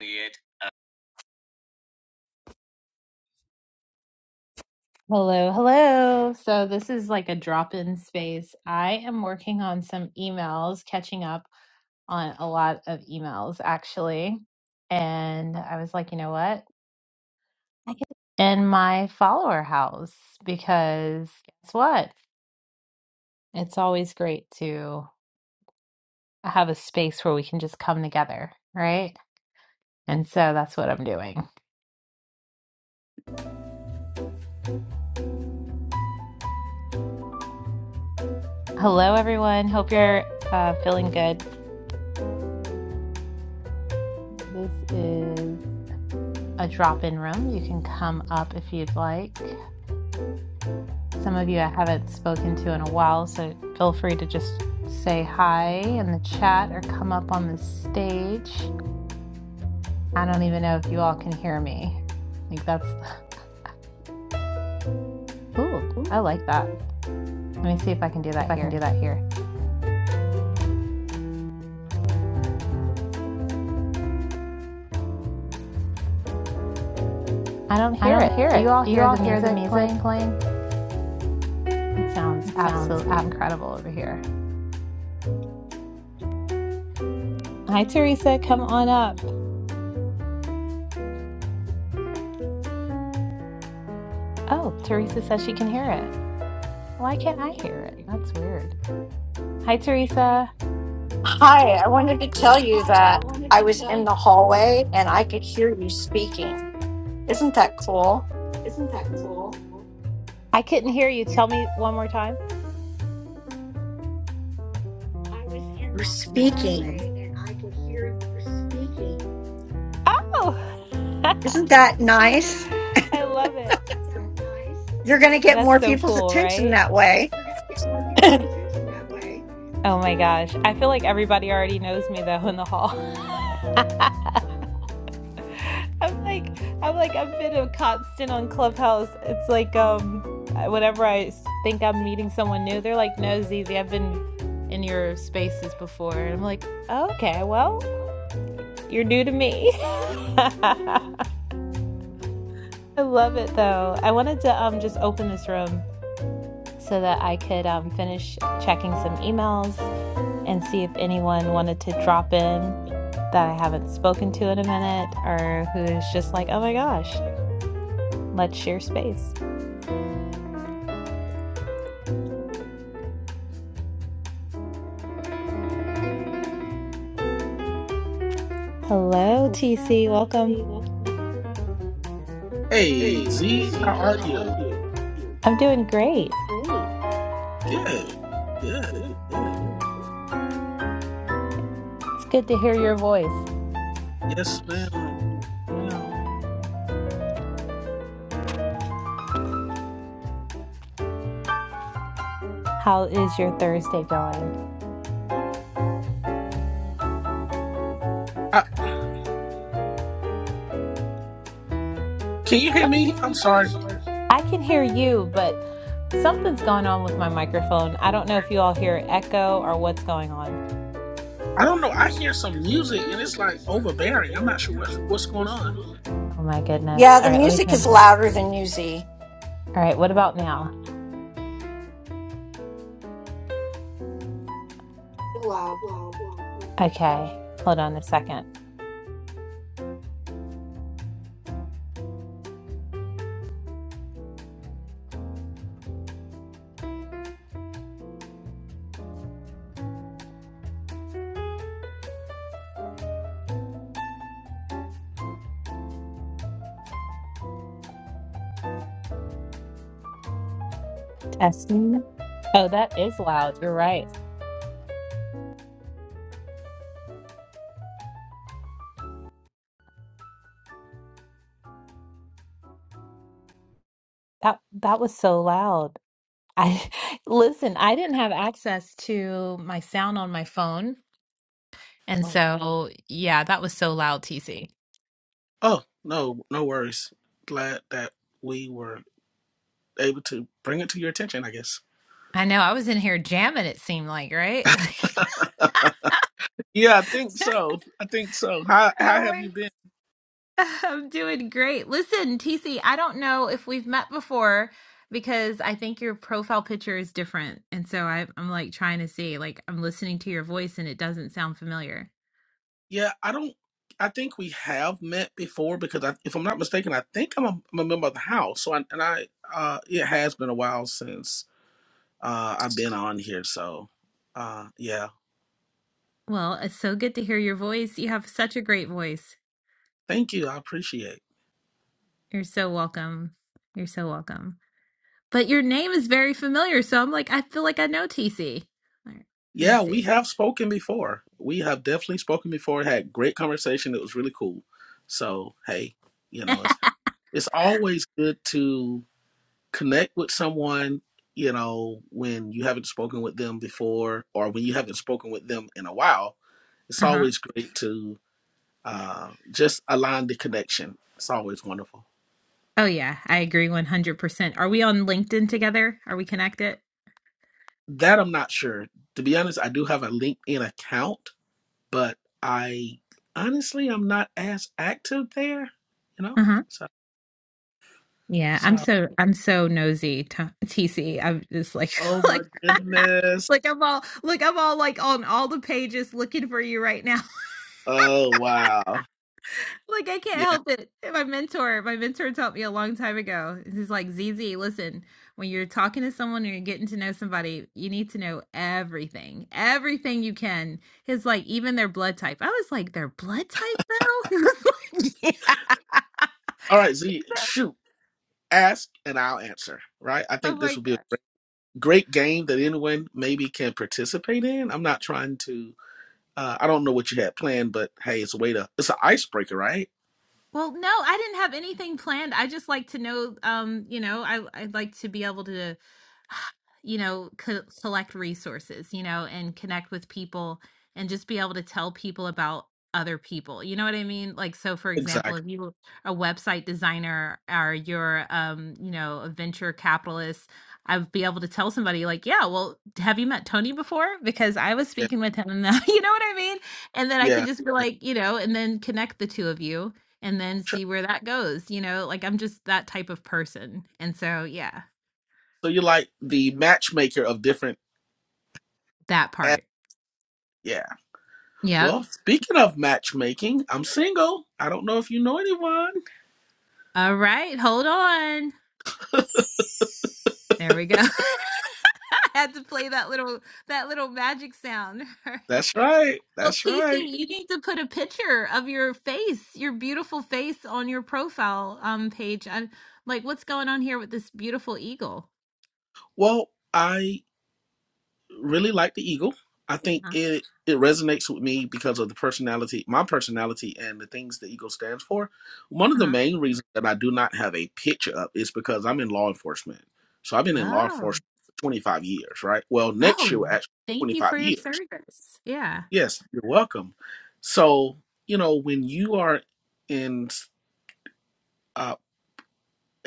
Juliet. Hello, hello. So, this is like a drop in space. I am working on some emails, catching up on a lot of emails actually. And I was like, you know what? I can in my follower house because guess what? It's always great to have a space where we can just come together, right? And so that's what I'm doing. Hello, everyone. Hope you're uh, feeling good. This is. a drop-in room. You can come up if you'd like. Some of you I haven't spoken to in a while, so feel free to just say hi in the chat or come up on the stage. I don't even know if you all can hear me. Like that's the, ooh, I like that. Let me see if I can do that if I can here. do that here. I don't I hear don't it. hear Do it. you all Do you hear all the hear the music music playing? playing? It sounds It sounds absolutely absolutely incredible over here. Hi, Teresa. Come on up. Oh, Teresa says she can hear it. Why can't I hear it? That's weird. Hi, Teresa. Hi, I wanted to tell you that I was in the hallway and I could hear you speaking. Isn't that cool? I couldn't hear you. Tell me one more time. You're speaking. Oh, Isn't that nice? I love it. Is that nice? You're going to get That's more so people's cool, attention right? that way. Oh my gosh. I feel like everybody already knows me though in the hall. I'm like I'm like I've been a constant on Clubhouse. It's like um whenever I s- think I'm meeting someone new, they're like, "No, Zizi, I've been in your spaces before." And I'm like, "Oh, "Okay, well, you're new to me." I love it though. I wanted to um just open this room so that I could um finish checking some emails and see if anyone wanted to drop in that I haven't spoken to in a minute or who's just like, "Oh my gosh, let's share space." Hello, TC. Welcome. Hey Z, how are you? I'm doing great. Good, good, good. It's good to hear your voice. Yes, ma'am, ma'am. How is your Thursday going? Uh, can you hear me? I'm sorry. I can hear you, but something's going on with my microphone. I don't know if you all hear echo or what's going on. I don't know. I hear some music and it's like overbearing. I'm not sure what's what's going on. Oh my goodness. Yeah, the All right, let me music turn is it down. louder than Uzi. All right, what about now? Okay, hold on a second. Testing. Oh, that is loud. You're right. That that was so loud. I listen, I didn't have access to my sound on my phone. And Oh, so, yeah, that was so loud, TC. oh, no, no worries. Glad that we were able to bring it to your attention. I guess. I know I was in here jamming, it seemed like, right? Yeah, I think so. I think so. How how Oh have my you been? I'm doing great. Listen, TC, I don't know if we've met before because I think your profile picture is different. And so I, I'm like trying to see, like, I'm listening to your voice and it doesn't sound familiar. Yeah, I don't. I think we have met before because I, if I'm not mistaken, I think I'm a, I'm a member of the house. So I, and I, uh, it has been a while since uh, I've been on here. So, uh, yeah, Well, it's so good to hear your voice. You have such a great voice. thank you. I appreciate. You're so welcome. You're so welcome. But your name is very familiar. So I'm like, I feel like I know TC. All right, let me Yeah, we see. have spoken before. We have definitely spoken before. Had great conversation. It was really cool. So hey, you know, it's it's always good to connect with someone. You know, when you haven't spoken with them before, or when you haven't spoken with them in a while It's Uh-huh. always great to uh, just align the connection. It's always wonderful. Oh yeah, I agree 100%. Are we on LinkedIn together? Are we connected? That I'm not sure. To be honest, I do have a LinkedIn account, but I honestly I'm not as active there. You know, Uh-huh. so Yeah, I'm so. so I'm so nosy, t TC. I'm just like Oh my like goodness. like I'm all like I'm all like on all the pages looking for you right now. Oh wow. Like I can't Yeah. help it. My mentor, my mentor taught me a long time ago. He's like, Z Z. listen, when you're talking to someone or you're getting to know somebody, you need to know everything, everything you can. His like, even their blood type. I was like, their blood type, though. He was like, All right, Z. yeah. Shoot. Ask and I'll answer. Right. I Oh think this my would God. be a great, great game that anyone maybe can participate in. I'm not trying to Uh, I don't know what you had planned, but hey, it's a way to it's an icebreaker, right? Well, no, I didn't have anything planned. I just like to know, um, you know, I I'd like to be able to, you know, co- collect resources, you know, and connect with people, and just be able to tell people about other people. You know what I mean? Like, so for example, Exactly. if you are a website designer or you're, um, you know, a venture capitalist, I'd be able to tell somebody like, yeah, well, have you met Tony before? Because I was Yeah. speaking with him, and you know what I mean? And then I can Yeah. just be yeah. like, you know, and then connect the two of you and then Sure. see where that goes, you know? Like, I'm just that type of person. And so, yeah, So you're like the matchmaker of different that app- part. yeah. Yep. Well, speaking of matchmaking, I'm single. I don't know if you know anyone. All right, hold on. There we go. I had to play that little that little magic sound. That's right. well, That's TC, right. you need to put a picture of your face, your beautiful face on your profile um page. I, like what's going on here with this beautiful eagle? Well, I really like the Eagle. I think Uh-huh. it it resonates with me because of the personality, my personality, and the things the Eagle stands for. One of the uh-huh. main reasons that I do not have a picture up is because I'm in law enforcement. So I've been in law Oh. enforcement for 25 years, right? Well, next year Oh. actually Thank you for 25 your years. service. Yeah. Yes, you're welcome. So you know when you are in uh,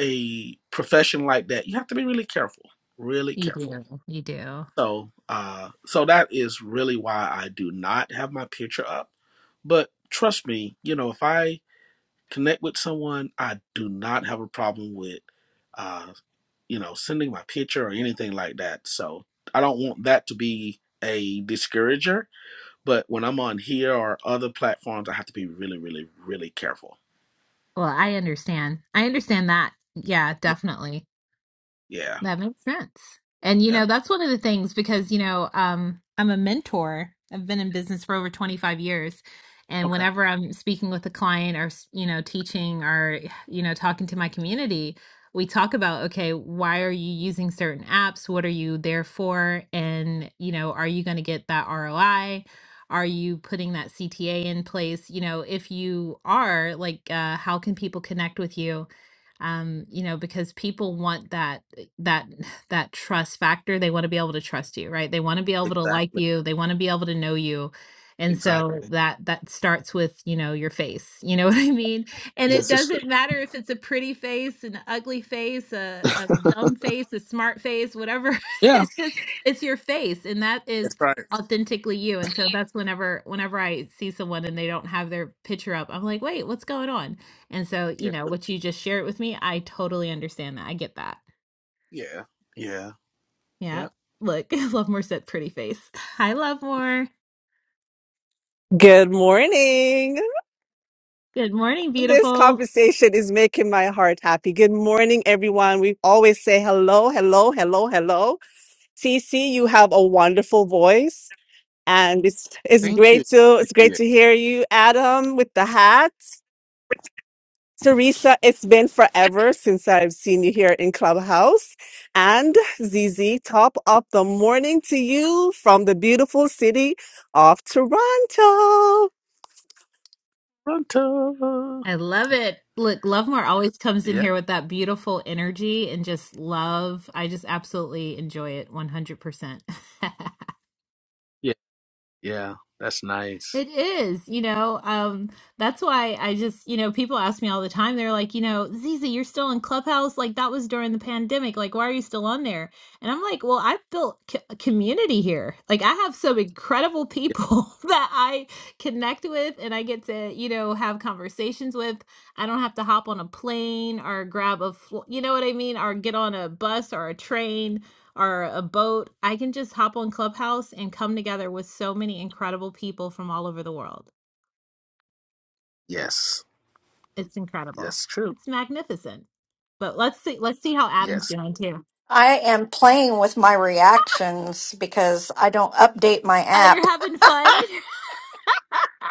a profession like that, you have to be really careful, really You careful do. You do. So, uh, so that is really why I do not have my picture up. But trust me, you know, if I connect with someone, I do not have a problem with, uh, you know, sending my picture or anything like that. So I don't want that to be a discourager. But when I'm on here or other platforms, I have to be really, really, really careful. Well, I understand. I understand that. Yeah, Yeah, definitely. yeah, That makes sense. And you yeah. know, that's one of the things because you know, um, I'm a mentor. I've been in business for over 25 years, and Okay. whenever I'm speaking with a client or s- you know, teaching or you know, talking to my community, we talk about okay, why are you using certain apps? What are you there for? And you know, are you going to get that ROI? Are you putting that CTA in place? You know, if you are, like, uh, how can people connect with you? Um, you know, because people want that that that trust factor. They want to be able to trust you, right? They want to be able to like Exactly, you. They want to be able to know you. And so exactly. Right. that that starts with, you know, your face. You know what I mean? And it This is doesn't matter if it's a pretty face, an ugly face, a, a true. dumb face, a smart face, whatever. Yeah, it's just it's your face and that is that's right. authentically you. And so that's whenever whenever I see someone and they don't have their picture up, I'm like, "Wait, what's going on?" And so, you Yeah, know, what you just shared with me, I totally understand that. I get that. yeah, yeah, yeah. Yeah. Look, Lovemore said pretty face. Hi, Lovemore. Good morning. Good morning, This beautiful. conversation is making my heart happy. Good morning, everyone. We always say hello, hello, hello, hello. TC, you have a wonderful voice, and it's it's Thank you. great to it's great Appreciate it. to hear you, Adam, with the hat. Teresa, it's been forever since I've seen you here in Clubhouse. And Zizi, top of the morning to you from the beautiful city of Toronto. Toronto. I love it. Look, Lovemore always comes in Yeah, here with that beautiful energy and just love. I just absolutely enjoy it 100%. yeah, yeah. That's nice. It is, you know, um, that's why I just, you know, people ask me all the time. They're like, you know, Zizi, you're still in Clubhouse. Like that was during the pandemic. Like, why are you still on there? And I'm like, well, I've built c- a community here. Like, I have some incredible Yeah. people that I connect with and I get to, you know, have conversations with. I don't have to hop on a plane or grab a, fl- you know what I mean? Or get on a bus or a train or a boat, I can just hop on Clubhouse and come together with so many incredible people from all over the world. Yes, It's incredible. that's true. It's magnificent. But let's see let's see how Adam's Yes. doing too. I am playing with my reactions because I don't update my Oh, app. you're having fun.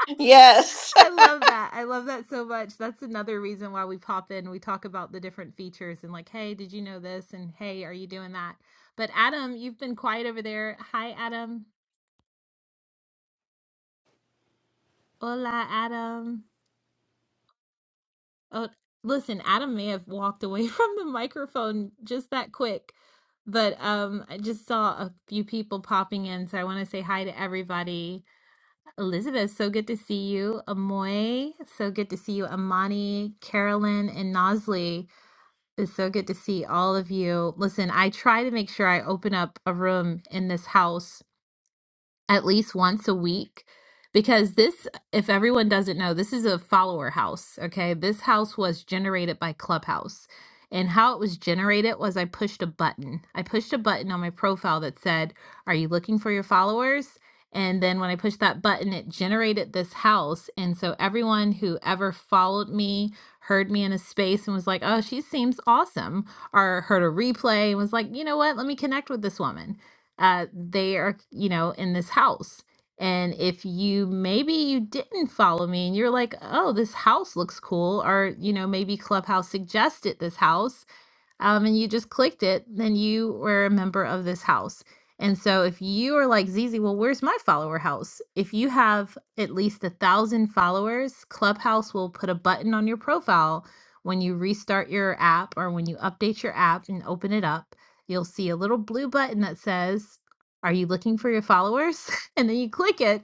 Yes. I love that. I love that so much. That's another reason why we pop in. We talk about the different features and like, hey, did you know this? And hey, are you doing that? But Adam, you've been quiet over there. Hi, Adam. Hola, Adam. Oh, listen, Adam may have walked away from the microphone just that quick, but um, I just saw a few people popping in, so I want to say hi to everybody. Elizabeth, so good to see you. Amoy, so good to see you. Amani, Carolyn, and Nosley, it's so good to see all of you. Listen, I try to make sure I open up a room in this house at least once a week because this if everyone doesn't know this is a follower house okay this house was generated by clubhouse and how it was generated was i pushed a button i pushed a button on my profile that said are you looking for your followers and then when i pushed that button it generated this house and so everyone who ever followed me heard me in a space and was like oh she seems awesome or heard a replay and was like you know what let me connect with this woman uh, they are, you know, in this house. And if you maybe you didn't follow me and you're like, oh, this house looks cool, or, you know, maybe Clubhouse suggested this house um, and you just clicked it, then you were a member of this house. And so if you are like Zizi, well, where's my follower house? If you have at least a thousand followers, Clubhouse will put a button on your profile when you restart your app or when you update your app and open it up. You'll see a little blue button that says, Are you looking for your followers? and then you click it,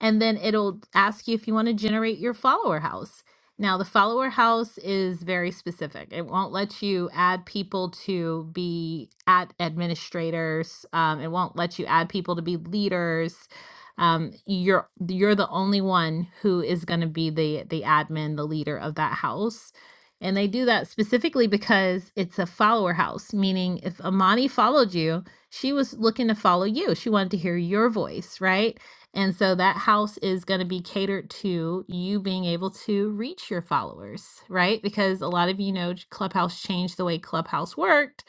and then it'll ask you if you want to generate your follower house. Now, the follower house is very specific. It won't let you add people to be at administrators. Um, it won't let you add people to be leaders. Um, you're you're the only one who is going to be the the admin, the leader of that house. And they do that specifically because it's a follower house, meaning if Amani followed you, she was looking to follow you. She wanted to hear your voice, right? And so that house is going to be catered to you being able to reach your followers, right? Because a lot of you know Clubhouse changed the way Clubhouse worked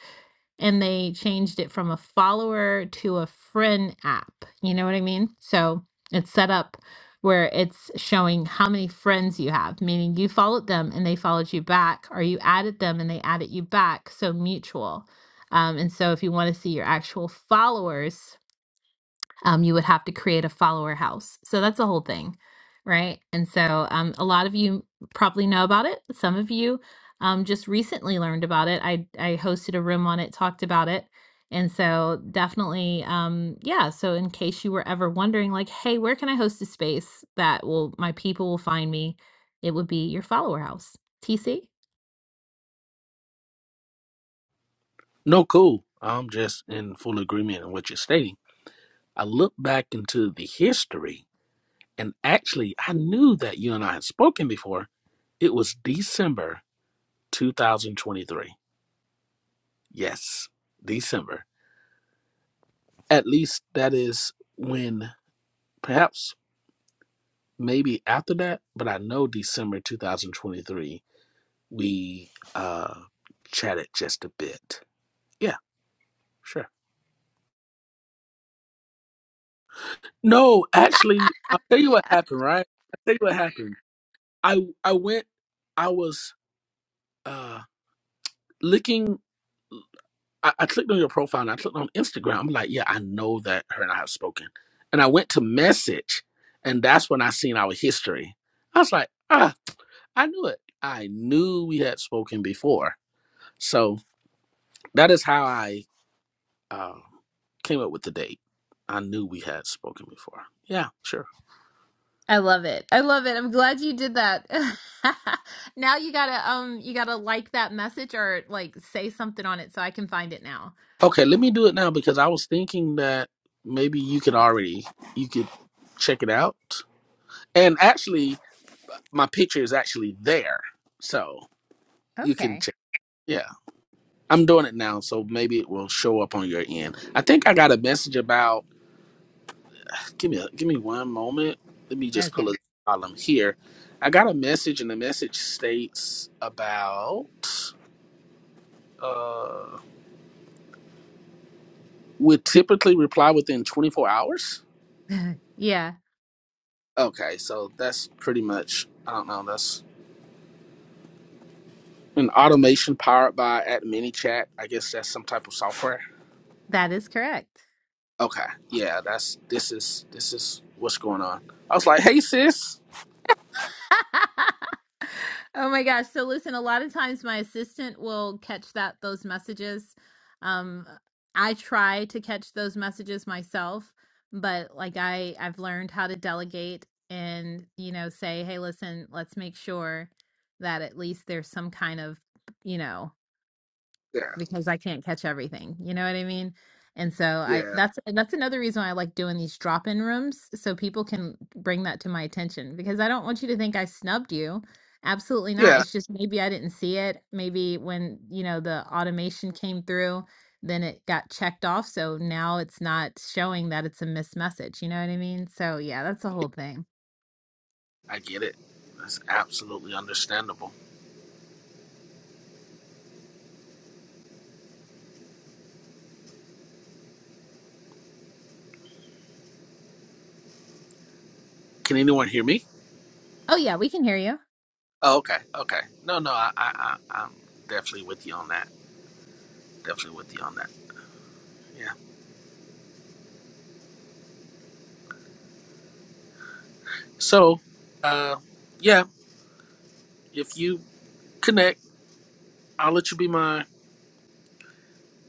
and they changed it from a follower to a friend app. You know what I mean? So it's set up where it's showing how many friends you have, meaning you followed them and they followed you back, or you added them and they added you back. So mutual. Um, and so if you want to see your actual followers, um, you would have to create a follower house. So that's the whole thing, right? And so um, a lot of you probably know about it. Some of you um, just recently learned about it. I, I hosted a room on it, talked about it. And so definitely, um, yeah. So in case you were ever wondering, like, hey, where can I host a space that will my people will find me? It would be your follower house. TC No, cool. I'm just in full agreement on what you're stating. I look back into the history, and actually, I knew that you and I had spoken before. It was December 2023. Yes, December. At least that is when, perhaps, maybe after that, but I know December 2023 we uh chatted just a bit. Yeah, sure. No, actually, I'll tell you what happened, right? I'll tell you what happened. I I went I was uh looking I, I clicked on your profile and I clicked on Instagram. I'm like, yeah, I know that her and I have spoken. And I went to message and that's when I seen our history. I was like, ah, I knew it. I knew we had spoken before. So that is how I um, came up with the date. I knew we had spoken before. Yeah, sure. I love it. I love it. I'm glad you did that. now you gotta um you gotta like that message or like say something on it so I can find it now. Okay, let me do it now because I was thinking that maybe you could already you could check it out. And actually, my picture is actually there, so you can Okay. check. Yeah, I'm doing it now, so maybe it will show up on your end. I think I got a message about. Give me a, give me one moment. Let me just pull a Okay. column here. I got a message, and the message states about. uh, would typically reply within 24 hours. Yeah, Okay, so that's pretty much, I don't know, that's an automation powered by at ManyChat. I guess that's some type of software. that is correct. Okay, yeah, that's this is this is what's going on. I was like, hey sis. Oh my gosh. So listen, a lot of times my assistant will catch that those messages. Um I try to catch those messages myself, but like I I've learned how to delegate and, you know, say, "Hey, listen, let's make sure that at least there's some kind of, you know, Yeah, because I can't catch everything. You know what I mean? And so I yeah, that's that's another reason why I like doing these drop-in rooms so people can bring that to my attention because I don't want you to think I snubbed you. Absolutely not. yeah. It's just maybe I didn't see it. Maybe when, you know, the automation came through, then it got checked off, so now it's not showing that it's a missed message. You know what I mean? So yeah, that's the whole thing. I get it. That's absolutely understandable. Can anyone hear me? Oh yeah, we can hear you. Oh, okay, okay. No, no, I, I, I I'm definitely with you on that. Definitely with you on that. Yeah. So, uh, yeah, if you connect. I'll let you be my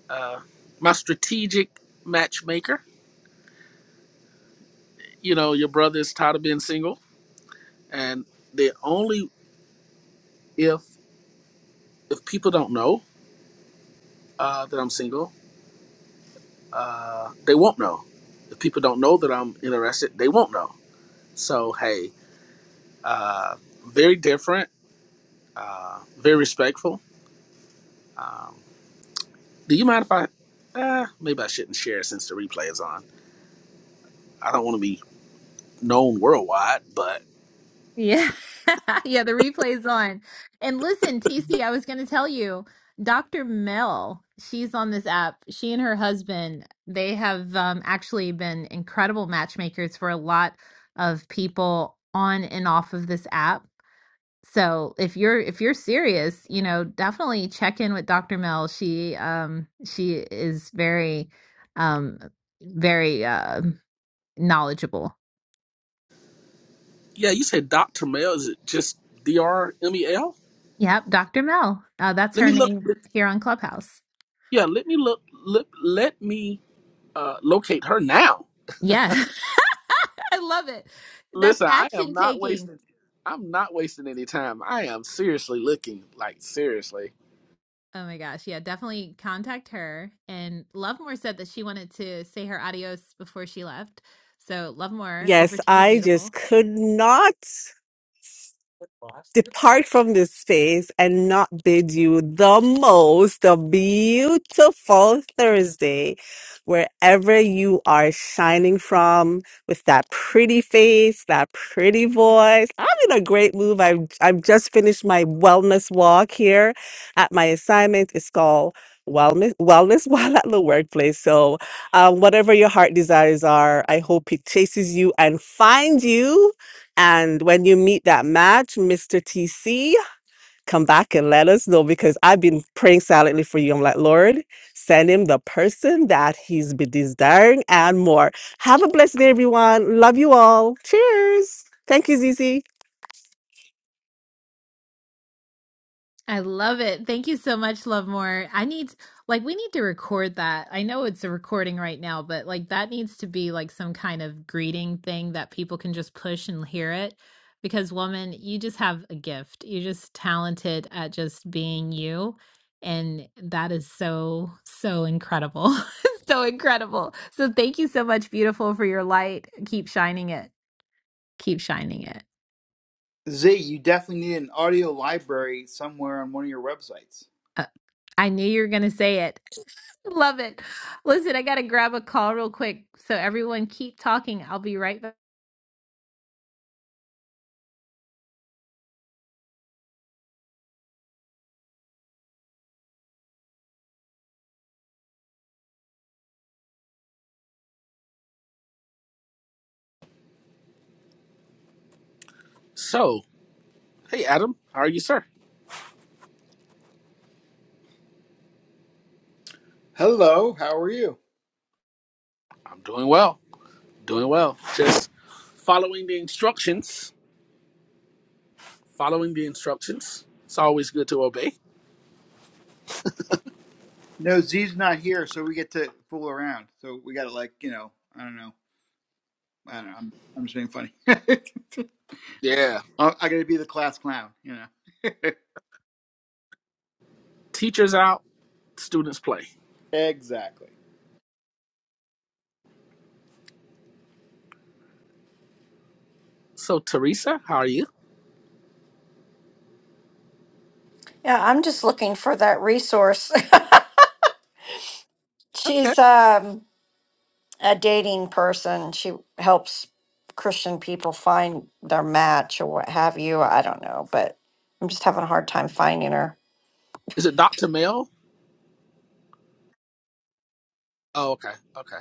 uh, my strategic matchmaker. You know, your brother is tired of being single, and the only if if people don't know uh, that I'm single, uh, they won't know. If people don't know that I'm interested, they won't know. So hey, uh, very different, uh, very respectful. Um, do you mind if I? Uh, maybe I shouldn't share since the replay is on. I don't want to be known worldwide, but. Yeah. Yeah, the replay's on. And listen, TC, I was going to tell you, Dr. Mel, she's on this app. She and her husband, they have um, actually been incredible matchmakers for a lot of people on and off of this app. So if you're if you're serious, you know, definitely check in with Dr. Mel. She um she is very um very uh knowledgeable Yeah, you said Dr. Mel. Is it just D R M E L? Yep, Dr. Mel. Uh, that's Let her me look. name here on Clubhouse. Yeah, let me look. Let, let me uh, locate her now. Yeah, I love it. That's Listen, I action am not taking. wasting. I'm not wasting any time. I am seriously looking, like seriously. Oh my gosh. Yeah, definitely contact her. And Lovemore said that she wanted to say her adios before she left. So, Lovemore, over Yes, to you, I just beautiful. could not. depart from this space and not bid you the most a beautiful Thursday, wherever you are shining from with that pretty face, that pretty voice. I'm in a great mood. I've, I've just finished my wellness walk here at my assignment. It's called Wellness, wellness while at the workplace. So, um, whatever your heart desires are, I hope it chases you and finds you and when you meet that match, Mr. TC, come back and let us know because I've been praying silently for you. I'm like, Lord, send him the person that he's been desiring and more. Have a blessed day, everyone. Love you all. Cheers. Thank you, Zizi. I love it. Thank you so much, Love More. I need like we need to record that. I know it's a recording right now, but like that needs to be like some kind of greeting thing that people can just push and hear it. Because woman, you just have a gift. You're just talented at just being you. And that is so, so incredible. so incredible. So thank you so much, beautiful, for your light. Keep shining it. Keep shining it. Z, you definitely need an audio library somewhere on one of your websites. Uh, I knew you were going to say it. Love it. Listen, I got to grab a call real quick. So, everyone, keep talking. I'll be right back. So, hey Adam, how are you, sir? Hello, how are you? I'm doing well. Doing well. Just following the instructions. Following the instructions. It's always good to obey. No, Z's not here, so we get to fool around. So we got to like, you know, I don't know, I don't know. I'm, I'm just being funny. I, Yeah. I got to be the class clown, you know. Teachers out, students play. exactly. So, Teresa, how are you? Yeah, I'm just looking for that resource. Okay. She's um a dating person. She helps Christian people find their match or what have you. I don't know, but I'm just having a hard time finding her. Is it Dr. Mel Oh, okay, okay.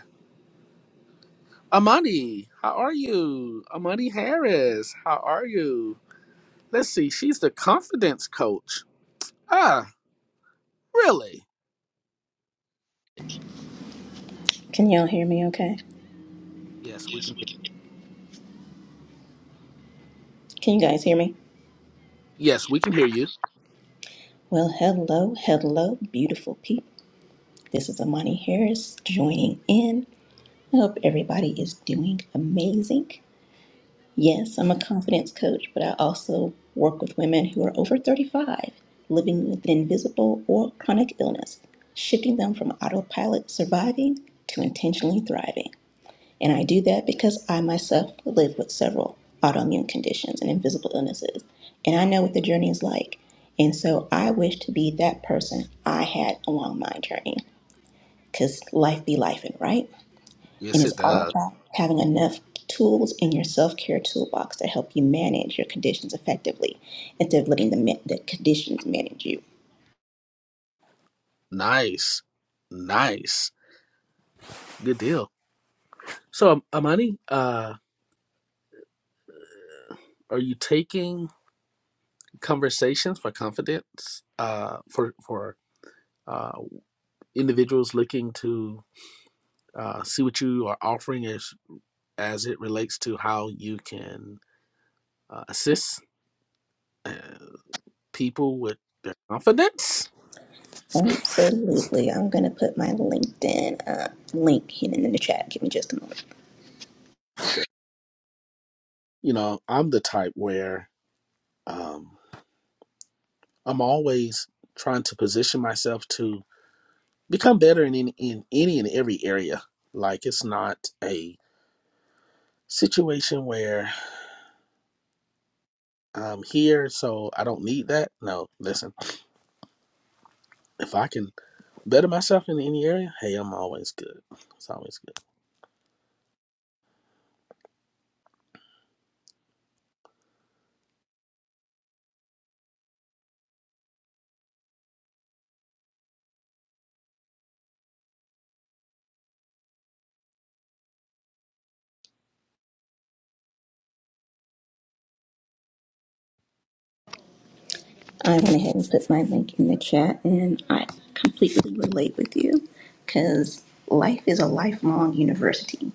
Amani, how are you? Amani Harris, how are you? Let's see, she's the confidence coach. Ah, really? Can y'all hear me okay? Yes, we can. Can you guys hear me? Yes, we can hear you. Well, hello, hello, beautiful people. This is Amani Harris joining in. I hope everybody is doing amazing. Yes, I'm a confidence coach, but I also work with women who are over 35, living with invisible or chronic illness, shifting them from autopilot surviving to intentionally thriving. And I do that because I myself live with several autoimmune conditions and invisible illnesses. And I know what the journey is like. And so I wish to be that person I had along my journey because life be life, right? And Yes, it's it all does. about having enough tools in your self care toolbox to help you manage your conditions effectively instead of letting the, ma- the conditions manage you. Nice, nice, good deal. So, um, Amani, uh, are you taking conversations for confidence? Uh, for for uh, individuals looking to uh, see what you are offering as as it relates to how you can uh, assist uh, people with their confidence. Absolutely. I'm going to put my LinkedIn uh, link in, in the chat. Give me just a moment. You know, I'm the type where um, I'm always trying to position myself to become better in any, in any and every area. Like it's not a situation where I'm here, so I don't need that. No, listen, if I can better myself in any area, hey, I'm always good. It's always good. I went ahead and put my link in the chat, and I completely relate with you because life is a lifelong university.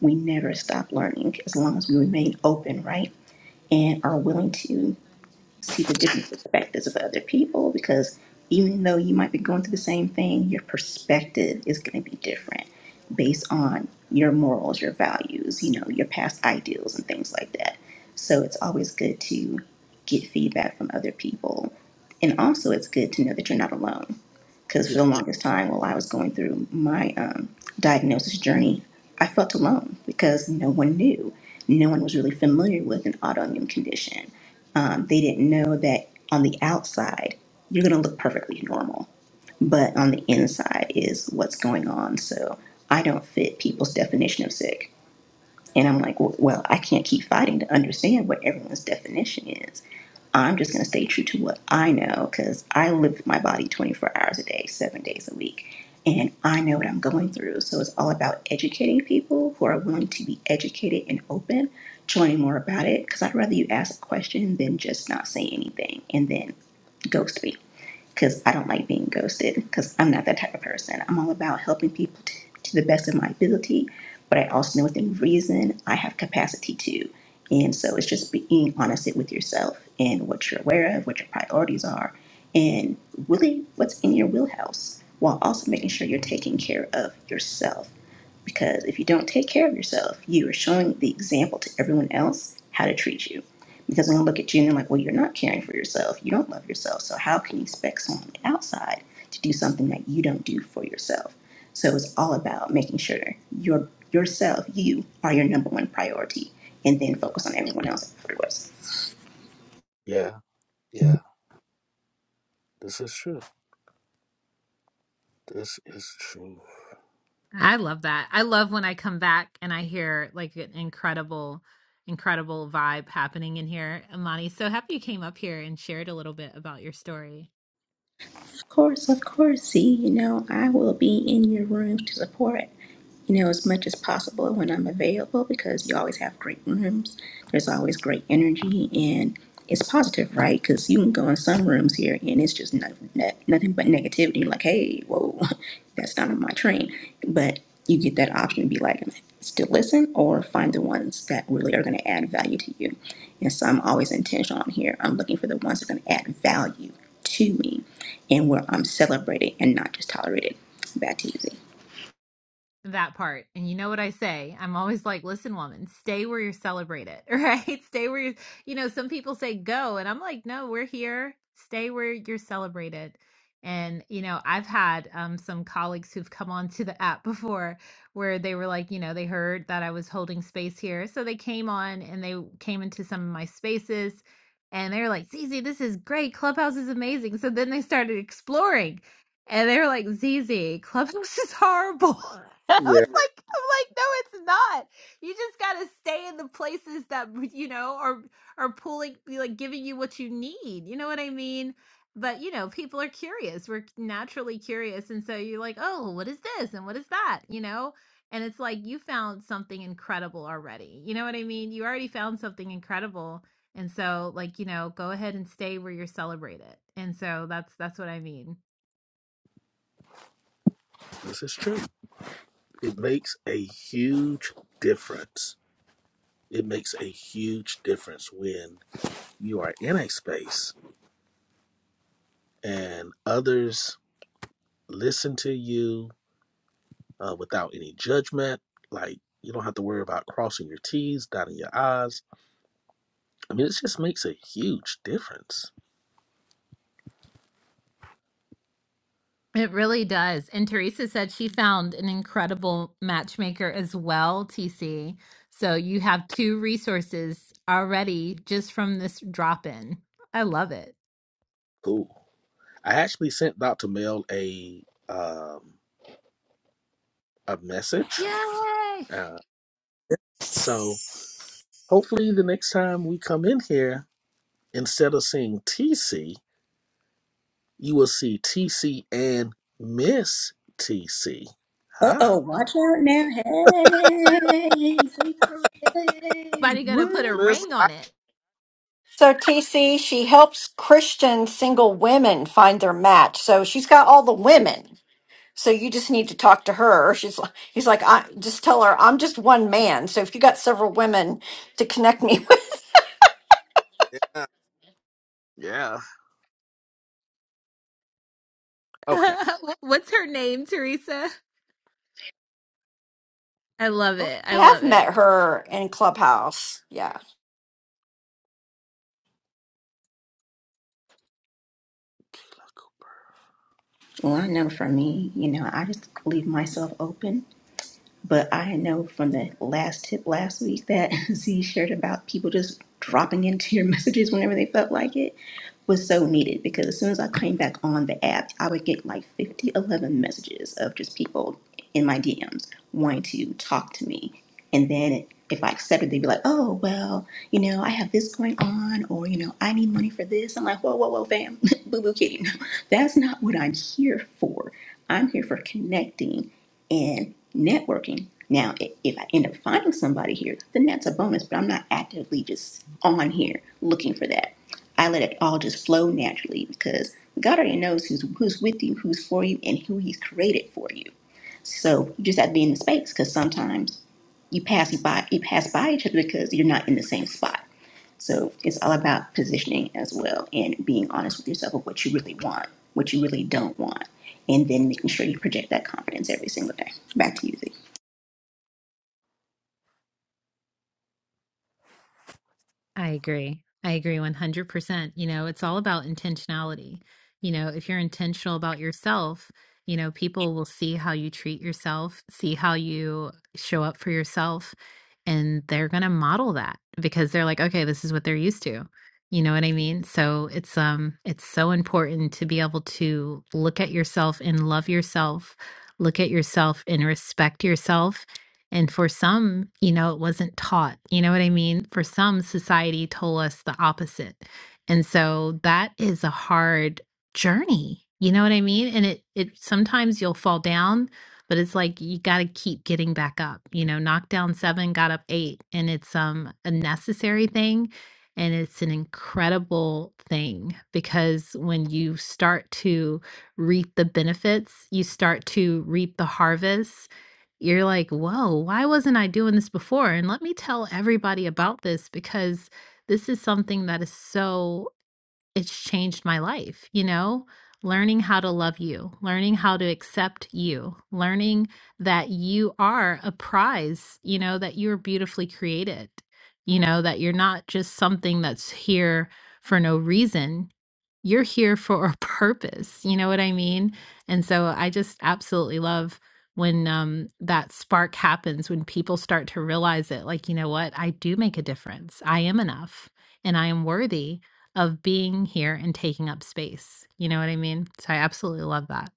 We never stop learning as long as we remain open, right? And are willing to see the different perspectives of other people because even though you might be going through the same thing, your perspective is going to be different based on your morals, your values, you know, your past ideals and things like that. So it's always good to get feedback from other people. And also it's good to know that you're not alone because Yeah, for the longest time while I was going through my um, diagnosis journey, I felt alone because no one knew. No one was really familiar with an autoimmune condition. Um, they didn't know that on the outside, you're going to look perfectly normal, but on the inside is what's going on. So I don't fit people's definition of sick. And I'm like, well, well, I can't keep fighting to understand what everyone's definition is. I'm just going to stay true to what I know because I live with my body 24 hours a day, seven days a week, and I know what I'm going through. So it's all about educating people who are willing to be educated and open to learning more about it because I'd rather you ask a question than just not say anything and then ghost me because I don't like being ghosted because I'm not that type of person. I'm all about helping people t- to the best of my ability, but I also know within reason I have capacity to. And so it's just being honest with yourself and what you're aware of, what your priorities are, and really what's in your wheelhouse while also making sure you're taking care of yourself because if you don't take care of yourself, you are showing the example to everyone else how to treat you. Because when I look at you and they're like, well, you're not caring for yourself. You don't love yourself. So how can you expect someone on the outside to do something that you don't do for yourself? So it's all about making sure your yourself, you are your number one priority, and then focus on everyone else afterwards. yeah, yeah. This is true. This is true. I love that. I love when I come back and I hear like an incredible, incredible vibe happening in here. Amani, so happy you came up here and shared a little bit about your story. Of course, of course. See, you know, I will be in your room to support. you know, as much as possible when I'm available because you always have great rooms. There's always great energy and it's positive, right? Because you can go in some rooms here and it's just no, no, nothing but negativity. You're like, hey, whoa, that's not on my train. But you get that option to be like, still listen or find the ones that really are going to add value to you. And so I'm always intentional on here. I'm looking for the ones that are going to add value to me and where I'm celebrated and not just tolerated. Back to you, Z. that part. And you know what I say? I'm always like, listen, woman, stay where you're celebrated, right? Stay where you, are you know, some people say go. And I'm like, no, we're here. Stay where you're celebrated. And, you know, I've had um, some colleagues who've come onto the app before where they were like, you know, they heard that I was holding space here. So they came on and they came into some of my spaces and they were like, Zizi, this is great. Clubhouse is amazing. So then they started exploring and they were like, ZZ, Clubhouse is horrible. I Yeah, was like, I'm like, no, it's not. You just gotta stay in the places that you know are are pulling, like giving you what you need. You know what I mean? But you know, people are curious. We're naturally curious, and so you're like, oh, what is this and what is that? You know. And it's like you found something incredible already. You know what I mean? You already found something incredible. And so like, you know, go ahead and stay where you're celebrated. And so that's that's what I mean this is true. It makes a huge difference It makes a huge difference when you are in a space and others listen to you uh, without any judgment. Like, you don't have to worry about crossing your T's, dotting your I's. I mean, it just makes a huge difference. It really does. And Teresa said she found an incredible matchmaker as well, TC. So you have two resources already just from this drop in. I love it. Cool. I actually sent Dr. Mel a um, a message. Yay! Uh, so hopefully, the next time we come in here, instead of seeing TC, you will see TC and Miss TC. huh? Uh-oh, watch out now. Hey, hey, girl, hey, Somebody gonna put a what? Listen, ring I, on it. So, TC, she helps Christian single women find their match. So, she's got all the women. So, you just need to talk to her. She's like, he's like, I just tell her, I'm just one man. So, if you got several women to connect me with, yeah, yeah. Okay. What's her name, Teresa? I love okay. it. I I have love it. met her in Clubhouse. Yeah. Well, I know for me, you know, I just leave myself open But I know from the last tip last week that Z shared about people just dropping into your messages whenever they felt like it was so needed because as soon as I came back on the app, I would get like 50 11 messages of just people in my DMs wanting to talk to me. And then if I accepted, they'd be like, oh, well, you know, I have this going on or, you know, I need money for this. I'm like, whoa, whoa, whoa, fam, boo boo kidding. That's not what I'm here for. I'm here for connecting and networking. Now, if I end up finding somebody here, then that's a bonus, but I'm not actively just on here looking for that. I let it all just flow naturally because God already knows who's, who's with you, who's for you, and who He's created for you. So you just have to be in the space because sometimes you pass by you pass by each other because you're not in the same spot. So it's all about positioning as well and being honest with yourself of what you really want, what you really don't want, and then making sure you project that confidence every single day. Back to you, Z. I agree. I agree 100%. You know, it's all about intentionality. You know, if you're intentional about yourself, you know, people will see how you treat yourself, see how you show up for yourself, and they're going to model that because they're like okay this is what they're used to you know what i mean so it's um it's so important to be able to look at yourself and love yourself look at yourself and respect yourself and for some you know it wasn't taught you know what i mean for some society told us the opposite and so that is a hard journey you know what i mean and it it sometimes you'll fall down but it's like you got to keep getting back up you know knocked down seven got up eight and it's um a necessary thing and it's an incredible thing because when you start to reap the benefits you start to reap the harvest you're like whoa why wasn't i doing this before and let me tell everybody about this because this is something that is so it's changed my life, you know? Learning how to love you, learning how to accept you, learning that you are a prize, you know, that you're beautifully created, you know, that you're not just something that's here for no reason you're here for a purpose. You know what I mean? And so I just absolutely love when um, that spark happens, when people start to realize it like, you know what? I do make a difference. I am enough and I am worthy of being here and taking up space. You know what I mean? So I absolutely love that.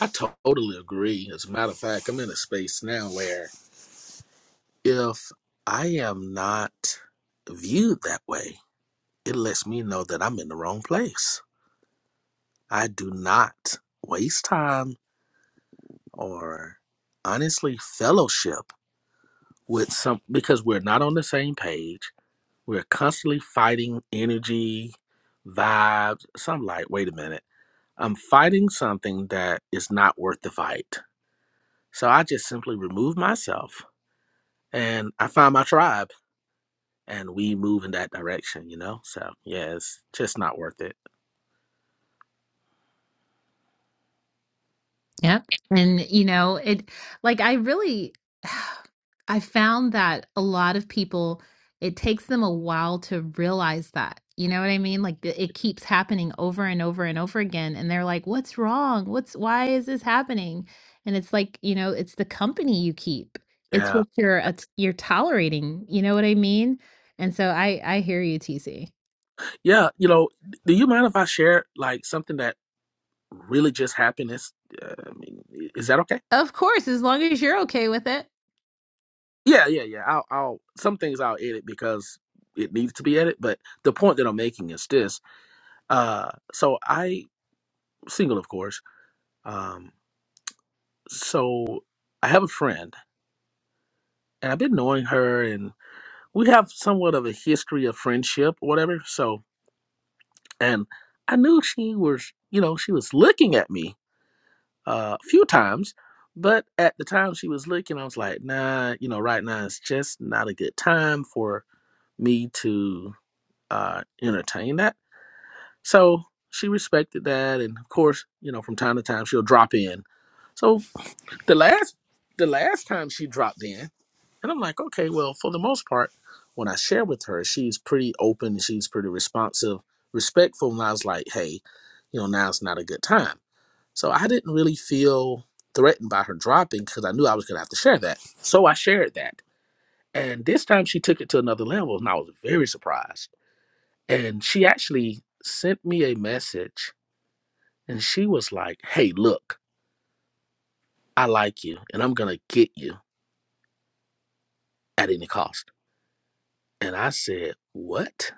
I totally agree. As a matter of fact, I'm in a space now where if I am not viewed that way, it lets me know that I'm in the wrong place. I do not waste time or honestly fellowship with some because we're not on the same page. We're constantly fighting energy, vibes. So I'm like, wait a minute. I'm fighting something that is not worth the fight. So I just simply remove myself and I find my tribe and we move in that direction, you know? So yeah, it's just not worth it. Yep. And, you know, it like I really I found that a lot of people it takes them a while to realize that. You know what I mean? Like the- it keeps happening over and over and over again and they're like, "What's wrong? What's why is this happening?" And it's like, you know, it's the company you keep. It's Yeah. what you're at- you're tolerating. You know what I mean? And so I I hear you, TC. Yeah. You know, do you mind if I share like something that really just happiness. Uh, I mean, is that okay? Of course, as long as you're okay with it. Yeah, yeah, yeah. I'll, I'll some things I'll edit because it needs to be edited. But the point that I'm making is this. Uh, so I single, of course. Um, so I have a friend, and I've been knowing her, and we have somewhat of a history of friendship, or whatever. So, and I knew she was, you know, she was looking at me uh, a few times, but at the time she was looking, I was like, nah, you know, right now it's just not a good time for me to uh, entertain that. So she respected that, and of course, you know, from time to time she'll drop in. So the last the last time she dropped in, and I'm like, okay, well, for the most part, when I share with her, she's pretty open, she's pretty responsive, respectful, and I was like, hey, you know, now's not a good time. So I didn't really feel threatened by her dropping because I knew I was going to have to share that. So I shared that. And this time she took it to another level and I was very surprised. And she actually sent me a message and she was like, Hey, look, I like you and I'm going to get you at any cost. And I said, What?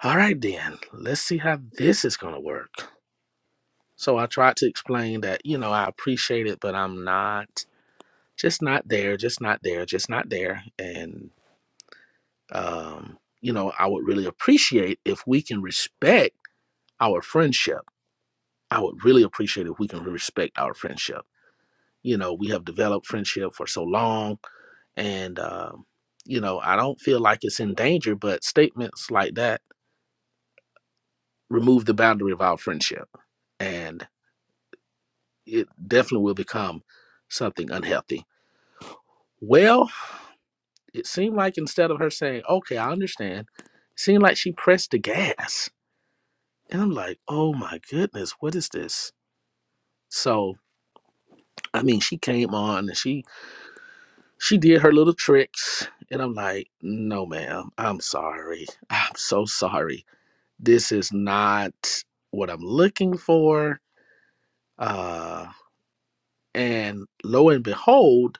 All right, then, let's see how this is going to work. So I tried to explain that, you know, I appreciate it, but I'm not just not there, just not there, just not there. and. um, you know, I would really appreciate if we can respect our friendship. I would really appreciate if we can respect our friendship. You know, we have developed friendship for so long, and um, you know, I don't feel like it's in danger. But statements like that remove the boundary of our friendship, and it definitely will become something unhealthy. Well, it seemed like instead of her saying, "Okay, I understand," it seemed like she pressed the gas, and I'm like, "Oh my goodness, what is this?" So I mean, she came on and she she did her little tricks, and I'm like, no, ma'am, I'm sorry, I'm so sorry. This is not what I'm looking for. Uh, and lo and behold,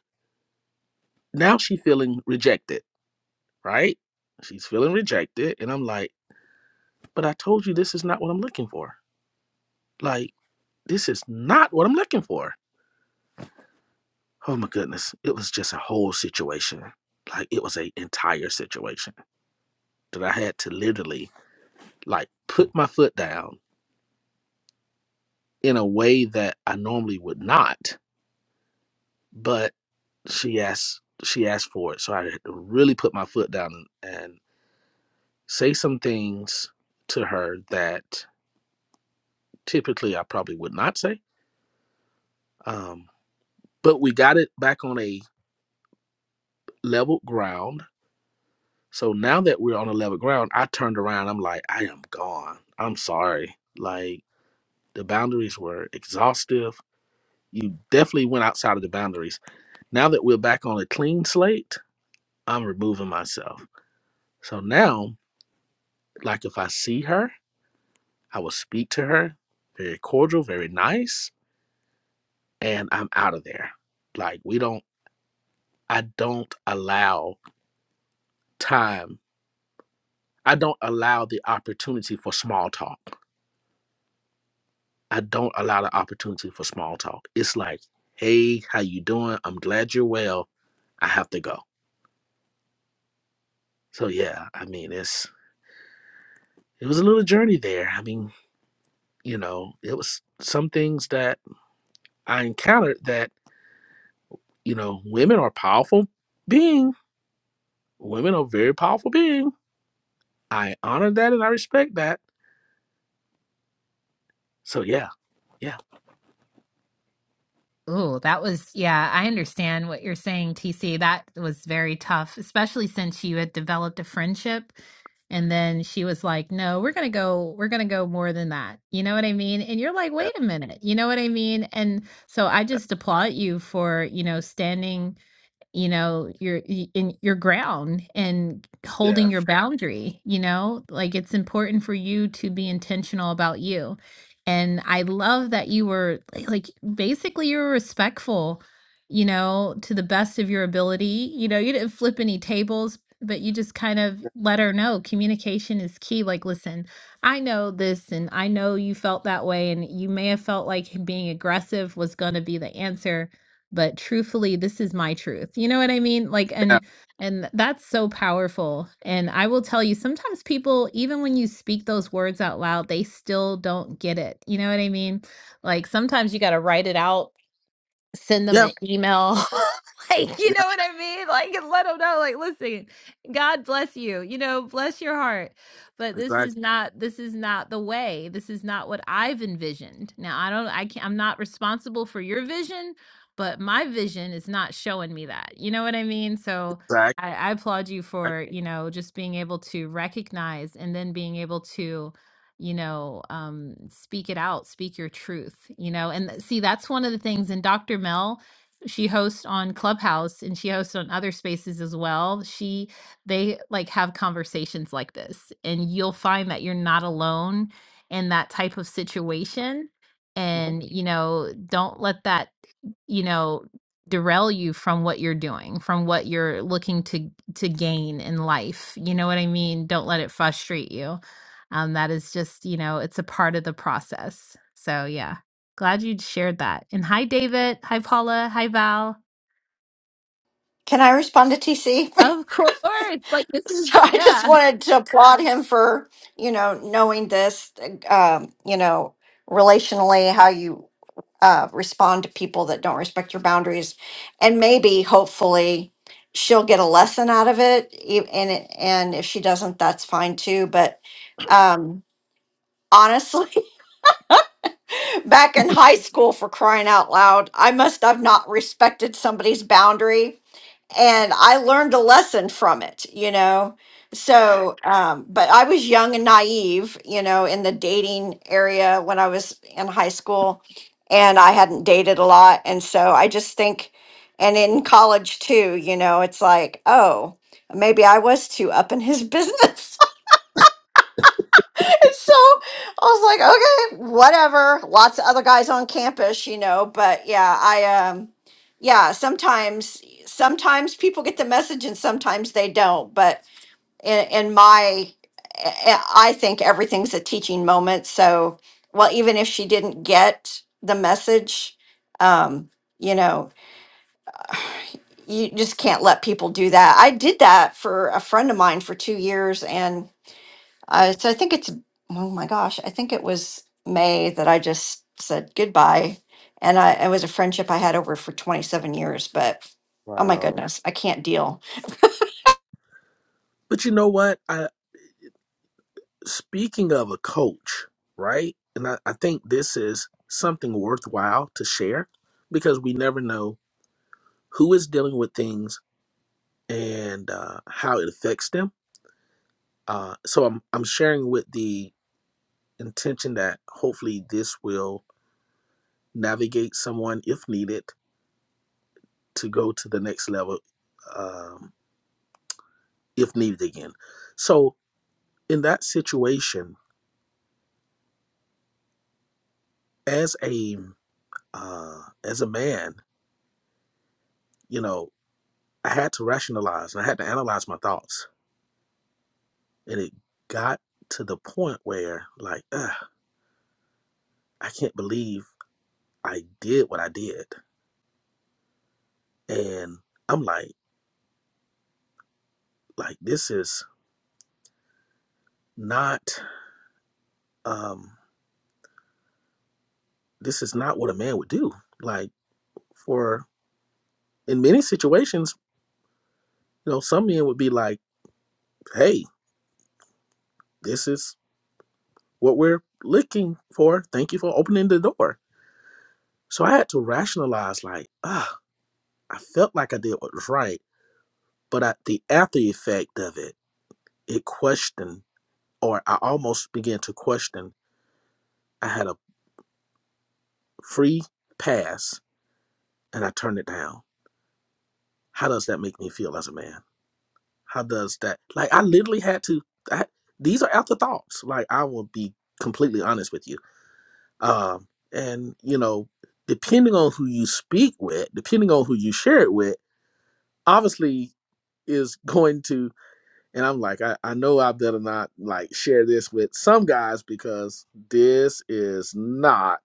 now she's feeling rejected, right? She's feeling rejected, and I'm like, but I told you this is not what I'm looking for. Like, this is not what I'm looking for. Oh my goodness, it was just a whole situation. Like, it was a entire situation that I had to literally like put my foot down in a way that I normally would not. But she asked she asked for it, so I had to really put my foot down and, say some things to her that typically I probably would not say. Um, but we got it back on a level ground. So now that we're on a level ground, I turned around. I'm like, I am gone. I'm sorry. Like the boundaries were exhaustive. You definitely went outside of the boundaries Now that we're back on a clean slate, I'm removing myself. So now, like if I see her, I will speak to her, very cordial, very nice, and I'm out of there. Like we don't, I don't allow time. I don't allow the opportunity for small talk. I don't allow the opportunity for small talk. It's like, hey, how you doing? I'm glad you're well. I have to go. So yeah, I mean, it's it was a little journey there. I mean, you know, it was some things that I encountered that, you know, women are powerful being. Women are very powerful being. I honor that and I respect that. So yeah, yeah. Oh, that was, yeah, I understand what you're saying, TC. That was very tough, especially since you had developed a friendship. And then she was like, no, we're going to go, we're going to go more than that. You know what I mean? And you're like, wait Yeah. a minute. You know what I mean? And so I just applaud you for, you know, standing you know, your y- in your ground and Yeah. holding your boundary, you know? Like it's important for you to be intentional about you. And I love that you were like like, basically you were respectful, you know, to the best of your ability. You know, you didn't flip any tables, but you just kind of let her know communication is key. Like, listen, I know this and I know you felt that way and you may have felt like being aggressive was going to be the answer but truthfully this is my truth you know what i mean like Yeah. and and that's so powerful and i will tell you sometimes people even when you speak those words out loud they still don't get it you know what i mean like sometimes you got to write it out send them yeah. an email. like, you know what I mean? Like, and let them know, like, listen, God bless you, you know, bless your heart. But this is Exactly. not, this is not the way. This is not what I've envisioned. Now, I don't, I can't, I'm not responsible for your vision, but my vision is not showing me that. You know what I mean? So, Exactly. I, I applaud you for, you know, just being able to recognize and then being able to you know um speak it out speak your truth you know and th- see that's one of the things and dr mel she hosts on clubhouse and she hosts on other spaces as well she they like have conversations like this and you'll find that you're not alone in that type of situation Mhm. and you know don't let that you know derail you from what you're doing from what you're looking to to gain in life you know what i mean don't let it frustrate you um that is just you know it's a part of the process so yeah glad you shared that and hi david hi paula hi val Can I respond to TC? of course like this is so I just yeah wanted to applaud him for you know knowing this, um, you know, relationally how you uh, respond to people that don't respect your boundaries, and maybe hopefully she'll get a lesson out of it. e- And it, and if she doesn't, that's fine too. But um, honestly, back in high school, for crying out loud, I must have not respected somebody's boundary and I learned a lesson from it, you know. So, um, but I was young and naive, you know, in the dating area when I was in high school, and I hadn't dated a lot. And so I just think, and in college too, you know, it's like, oh, maybe I was too up in his business. so I was like, okay, whatever. Lots of other guys on campus, you know, but yeah, I um yeah, sometimes sometimes people get the message and sometimes they don't, but in, in my I I think everything's a teaching moment, so well even if she didn't get the message, um you know, you just can't let people do that. I did that for a friend of mine for 2 years and uh, so I think it's, oh my gosh, I think it was May that I just said goodbye. And I, it was a friendship I had over for 27 years, but oh my Wow. goodness, I can't deal. But you know what? I speaking of a coach, right? And I, I think this is something worthwhile to share because we never know who is dealing with things and uh, how it affects them. Uh, so I'm I'm sharing with the intention that hopefully this will navigate someone if needed to go to the next level um, if needed again so in that situation as a uh, as a man you know i had to rationalize and i had to analyze my thoughts and it got to the point where like Ugh, i can't believe i did what i did and i'm like like this is not um this is not what a man would do like for in many situations, you know, some men would be like, "Hey, this is what we're looking for. Thank you for opening the door." So I had to rationalize, like, ah, I felt like I did what was right, but I, the after effect of it, it questioned, or I almost began to question. I had a free pass, and I turned it down. How does that make me feel as a man? How does that? Like, I literally had to. I, these are afterthoughts. Like, I will be completely honest with you Um, and you know, depending on who you speak with, depending on who you share it with, obviously is going to. And I'm like, I, I know I better not like share this with some guys because this is not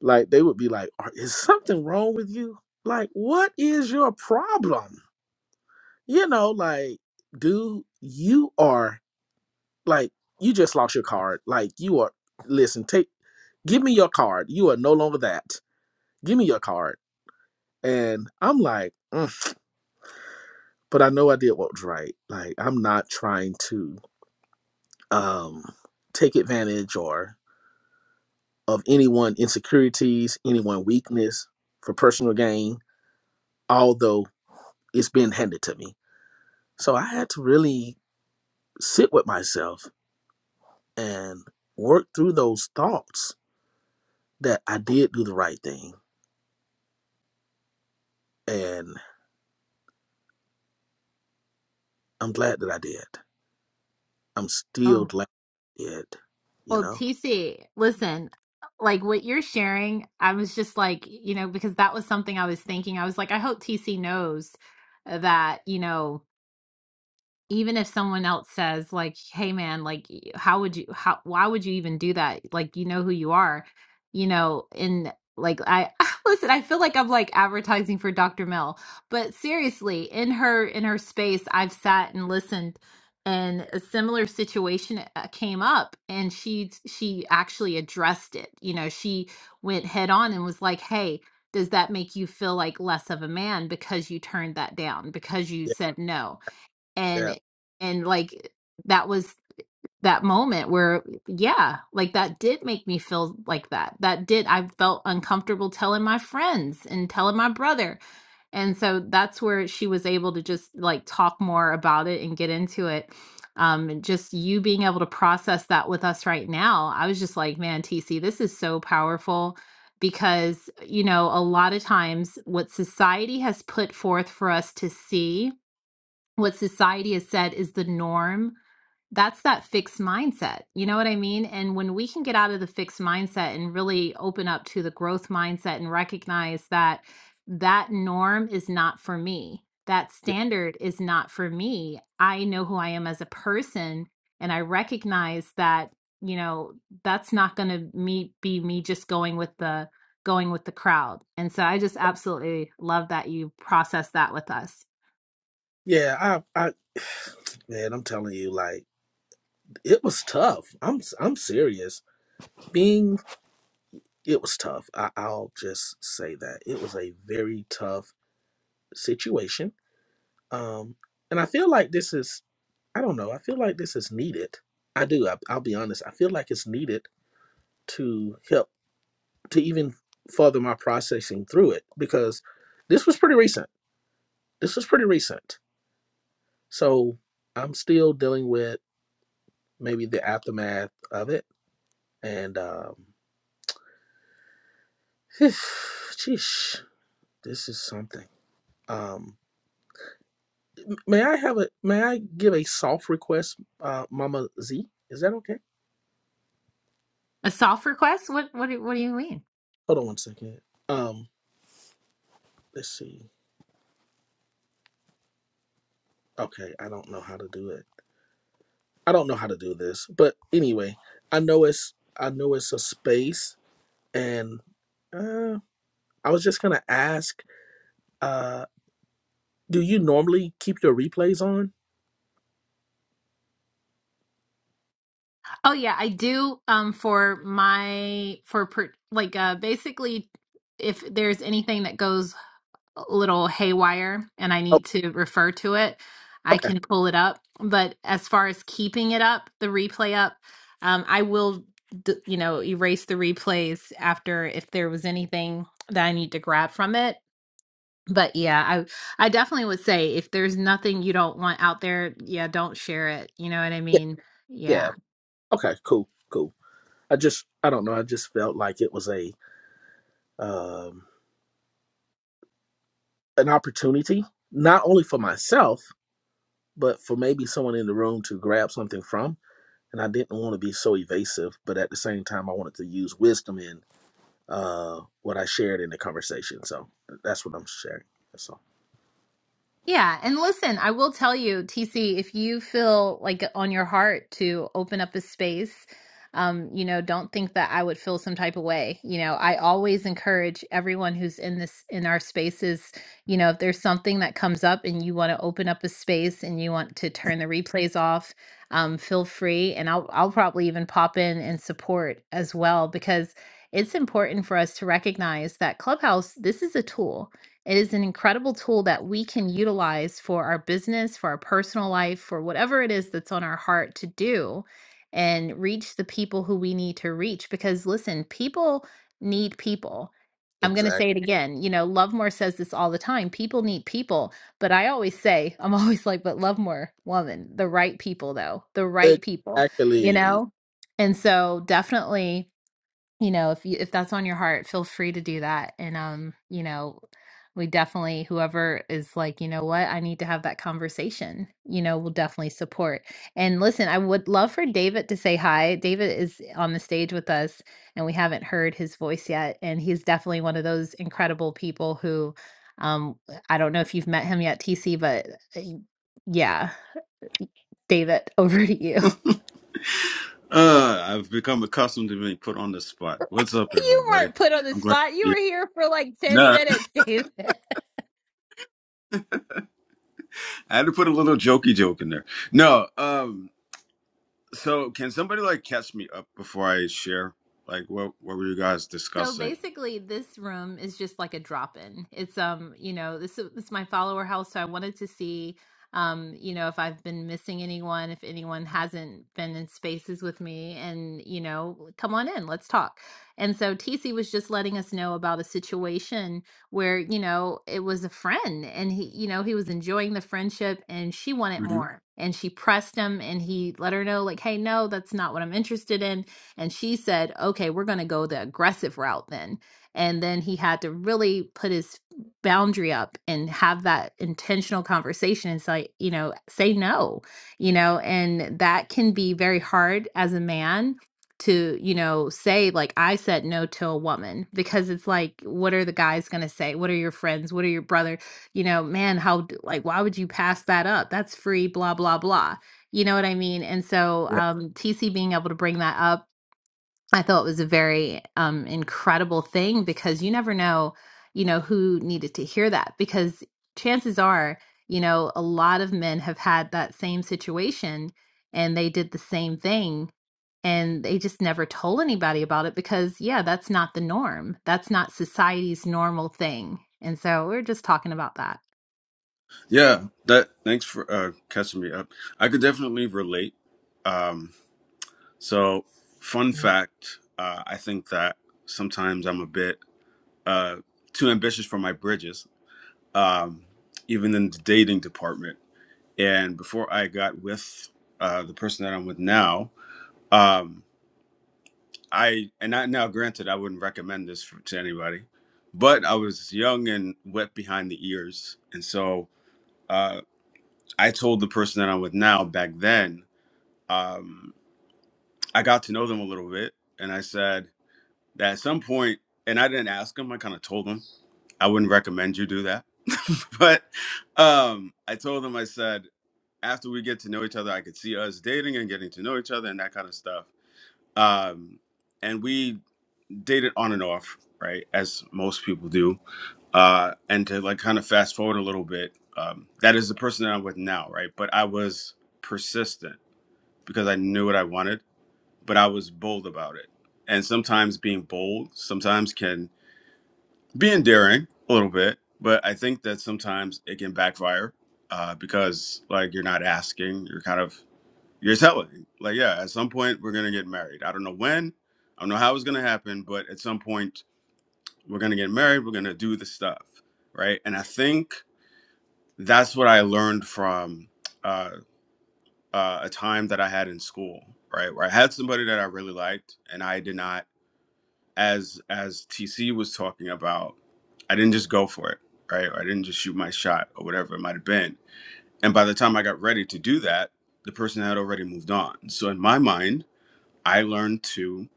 like they would be like, Are, is something wrong with you? Like, what is your problem? You know, like, dude, you are like, you just lost your card. Like, you are, listen, take, give me your card. You are no longer that. Give me your card And I'm like, "Mm," but I know I did what was right. Like I'm not trying to um take advantage or of anyone insecurities, anyone weakness for personal gain, although it's been handed to me. So I had to really sit with myself and work through those thoughts that I did do the right thing. And I'm glad that I did. I'm still um glad I did, you well know? tc listen like what you're sharing i was just like you know because that was something i was thinking i was like i hope tc knows that you know Even if someone else says like, "Hey man, like y- how would you how why would you even do that? Like you know who you are." You know, and like I listen, I feel like I'm like advertising for Dr. Mel, but seriously, in her in her space, I've sat and listened and a similar situation uh, came up and she she actually addressed it. You know, she went head on and was like, "Hey, does that make you feel like less of a man because you turned that down because you Yeah. said no Yeah. Yeah. and and like that was that moment where yeah like that did make me feel like that that did i felt uncomfortable telling my friends and telling my brother and so that's where she was able to just like talk more about it and get into it um and just you being able to process that with us right now i was just like man tc this is so powerful because you know a lot of times what society has put forth for us to see what society has said is the norm that's that fixed mindset you know what i mean and when we can get out of the fixed mindset and really open up to the growth mindset and recognize that that norm is not for me that standard is not for me i know who i am as a person and i recognize that you know that's not going to me be me just going with the going with the crowd and so i just absolutely love that you process that with us Yeah, I, I, man, I'm telling you, like it was tough. I'm, I'm serious. Being, it was tough. I, I'll just say that it was a very tough situation. Um, and I feel like this is, I don't know. I feel like this is needed. I do. I, I'll be honest. I feel like it's needed to help to even further my processing through it because this was pretty recent. This was pretty recent. So I'm still dealing with maybe the aftermath of it And um, sheesh, this is something. Um, may I have a may I give a soft request, uh, Mama Z? Is that okay? A soft request? What what do, what do you mean? Hold on one second. Um, let's see. Okay, I don't know how to do it. I don't know how to do this, but anyway, I know it's I know it's a space, and uh, I was just gonna ask, uh, do you normally keep your replays on? Oh yeah, I do um for my for per, like uh basically if there's anything that goes a little haywire and I Oh, need to refer to it, I okay. can pull it up. But as far as keeping it up, the replay up, um I will d- you know, erase the replays after if there was anything that I need to grab from it but yeah i i definitely would say if there's nothing you don't want out there yeah don't share it you know what i Yeah, mean yeah yeah. Okay, cool, cool. I just, I don't know. I just felt like it was a um, an opportunity, not only for myself, but for maybe someone in the room to grab something from. And I didn't want to be so evasive, but at the same time, I wanted to use wisdom in uh, what I shared in the conversation. So that's what I'm sharing. That's all. Yeah, and listen, I will tell you, TC, if you feel like on your heart to open up a space, um, you know, don't think that I would feel some type of way. You know, I always encourage everyone who's in this in our spaces, you know, if there's something that comes up and you want to open up a space and you want to turn the replays off, um, feel free, and I'll I'll probably even pop in and support as well because it's important for us to recognize that Clubhouse, this is a tool it is an incredible tool that we can utilize for our business, for our personal life, for whatever it is that's on our heart to do and reach the people who we need to reach. Because listen, people need people. I'm going to say Exactly. it again. You know, Lovemore says this all the time people need people. But I always say, I'm always like, but Lovemore, woman, the right people, though, the right people, you Exactly. know? And so definitely you know if you if that's on your heart feel free to do that and um you know we definitely whoever is like you know what i need to have that conversation you know we will definitely support and listen i would love for david to say hi david is on the stage with us and we haven't heard his voice yet and he's definitely one of those incredible people who um i don't know if you've met him yet tc but uh, yeah david over to you Uh, I've become accustomed to being put on the spot. What's up, you weren't everybody? put on the I'm glad. spot you Yeah. were here for like 10 No, minutes david I had to put a little jokey joke in there. No. Um. So, can somebody like catch me up before I share? Like, what what were you guys So discussing? basically, this room is just like a drop in. It's um, you know, this is, this is my follower house, so I wanted to see, um, you know, if I've been missing anyone, if anyone hasn't been in spaces with me, and you know, come on in, let's talk. And so TC was just letting us know about a situation where you know it was a friend, and he, you know, he was enjoying the friendship, and she wanted hmm more, and she pressed him, and he let her know like, hey, no, that's not what I'm interested in and she said, okay, we're going to go the aggressive route then. And then he had to really put his boundary up and have that intentional conversation and say, you know, say no, you know, and that can be very hard as a man to you know say like i said no to a woman because it's like what are the guys going to say what are your friends what are your brother you know man how d- like why would you pass that up that's free blah blah blah you know what i mean and so Yeah. um tc being able to bring that up I thought it was a very um, incredible thing because you never know, you know, who needed to hear that. Because chances are, you know, a lot of men have had that same situation and they did the same thing and they just never told anybody about it because, yeah, that's not the norm. That's not society's normal thing. And so we're just talking about that. Yeah. That. Thanks for uh, catching me up. I could definitely relate. Um. So, fun fact. Uh, I think that sometimes I'm a bit uh too ambitious for my bridges um, even in the dating department. And before I got with uh, the person that I'm with now, um, I and I now granted I wouldn't recommend this for, to anybody, but I was young and wet behind the ears, and so uh, I told the person that I'm with now back then. Um, I got to know them a little bit, and I said that at some point, and I didn't ask them. I kind of told them I wouldn't recommend you do that, but um, I told them I said after we get to know each other, I could see us dating and getting to know each other and that kind of stuff. Um, and we dated on and off, right, as most people do. Uh, and to like kind of fast forward a little bit, um, that is the person that I'm with now, right? But I was persistent because I knew what I wanted, but I was bold about it. And sometimes being bold sometimes can be endearing a little bit, but I think that sometimes it can backfire uh, because like you're not asking, you're kind of you're telling. Like, yeah, at some point we're gonna get married. I don't know when, I don't know how it's gonna happen, but at some point we're gonna get married, we're gonna do the stuff, right? And I think that's what I learned from uh, uh, a time that I had in school, right? Where I had somebody that I really liked and I did not, as as TC was talking about, I didn't just go for it, right? Or I didn't just shoot my shot or whatever it might have been. And by the time I got ready to do that, the person had already moved on. So in my mind, I learned to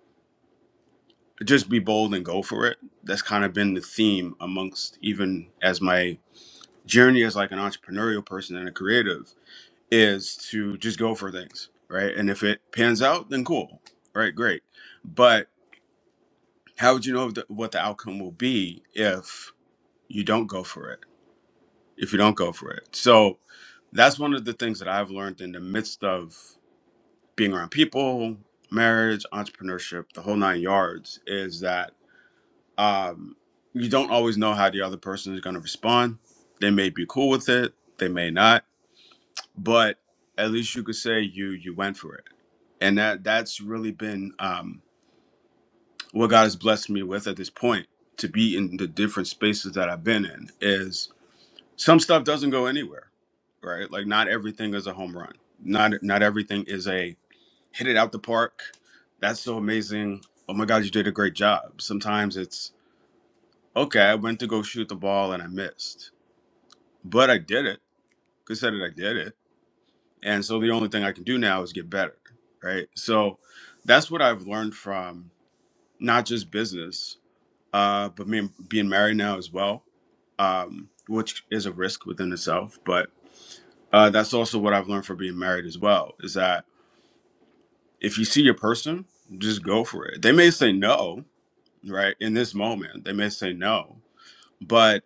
just be bold and go for it. That's kind of been the theme amongst even as my journey as like an entrepreneurial person and a creative is to just go for things, right? And if it pans out, then cool, right? Great. But how would you know the, what the outcome will be if you don't go for it? If you don't go for it, so that's one of the things that I've learned in the midst of being around people, marriage, entrepreneurship, the whole nine yards, is that um, you don't always know how the other person is going to respond. They may be cool with it, they may not, but at least you could say you you went for it, and that that's really been um, what God has blessed me with at this point to be in the different spaces that I've been in. Is some stuff doesn't go anywhere, right? Like not everything is a home run. Not not everything is a hit it out the park. That's so amazing. Oh my God, you did a great job. Sometimes it's okay, I went to go shoot the ball and I missed, but I did it. Considered I did it, and so the only thing I can do now is get better, right? So that's what I've learned from not just business, uh, but me being married now as well, um, which is a risk within itself. But uh, that's also what I've learned from being married as well is that if you see your person, just go for it. They may say no, right? In this moment, they may say no, but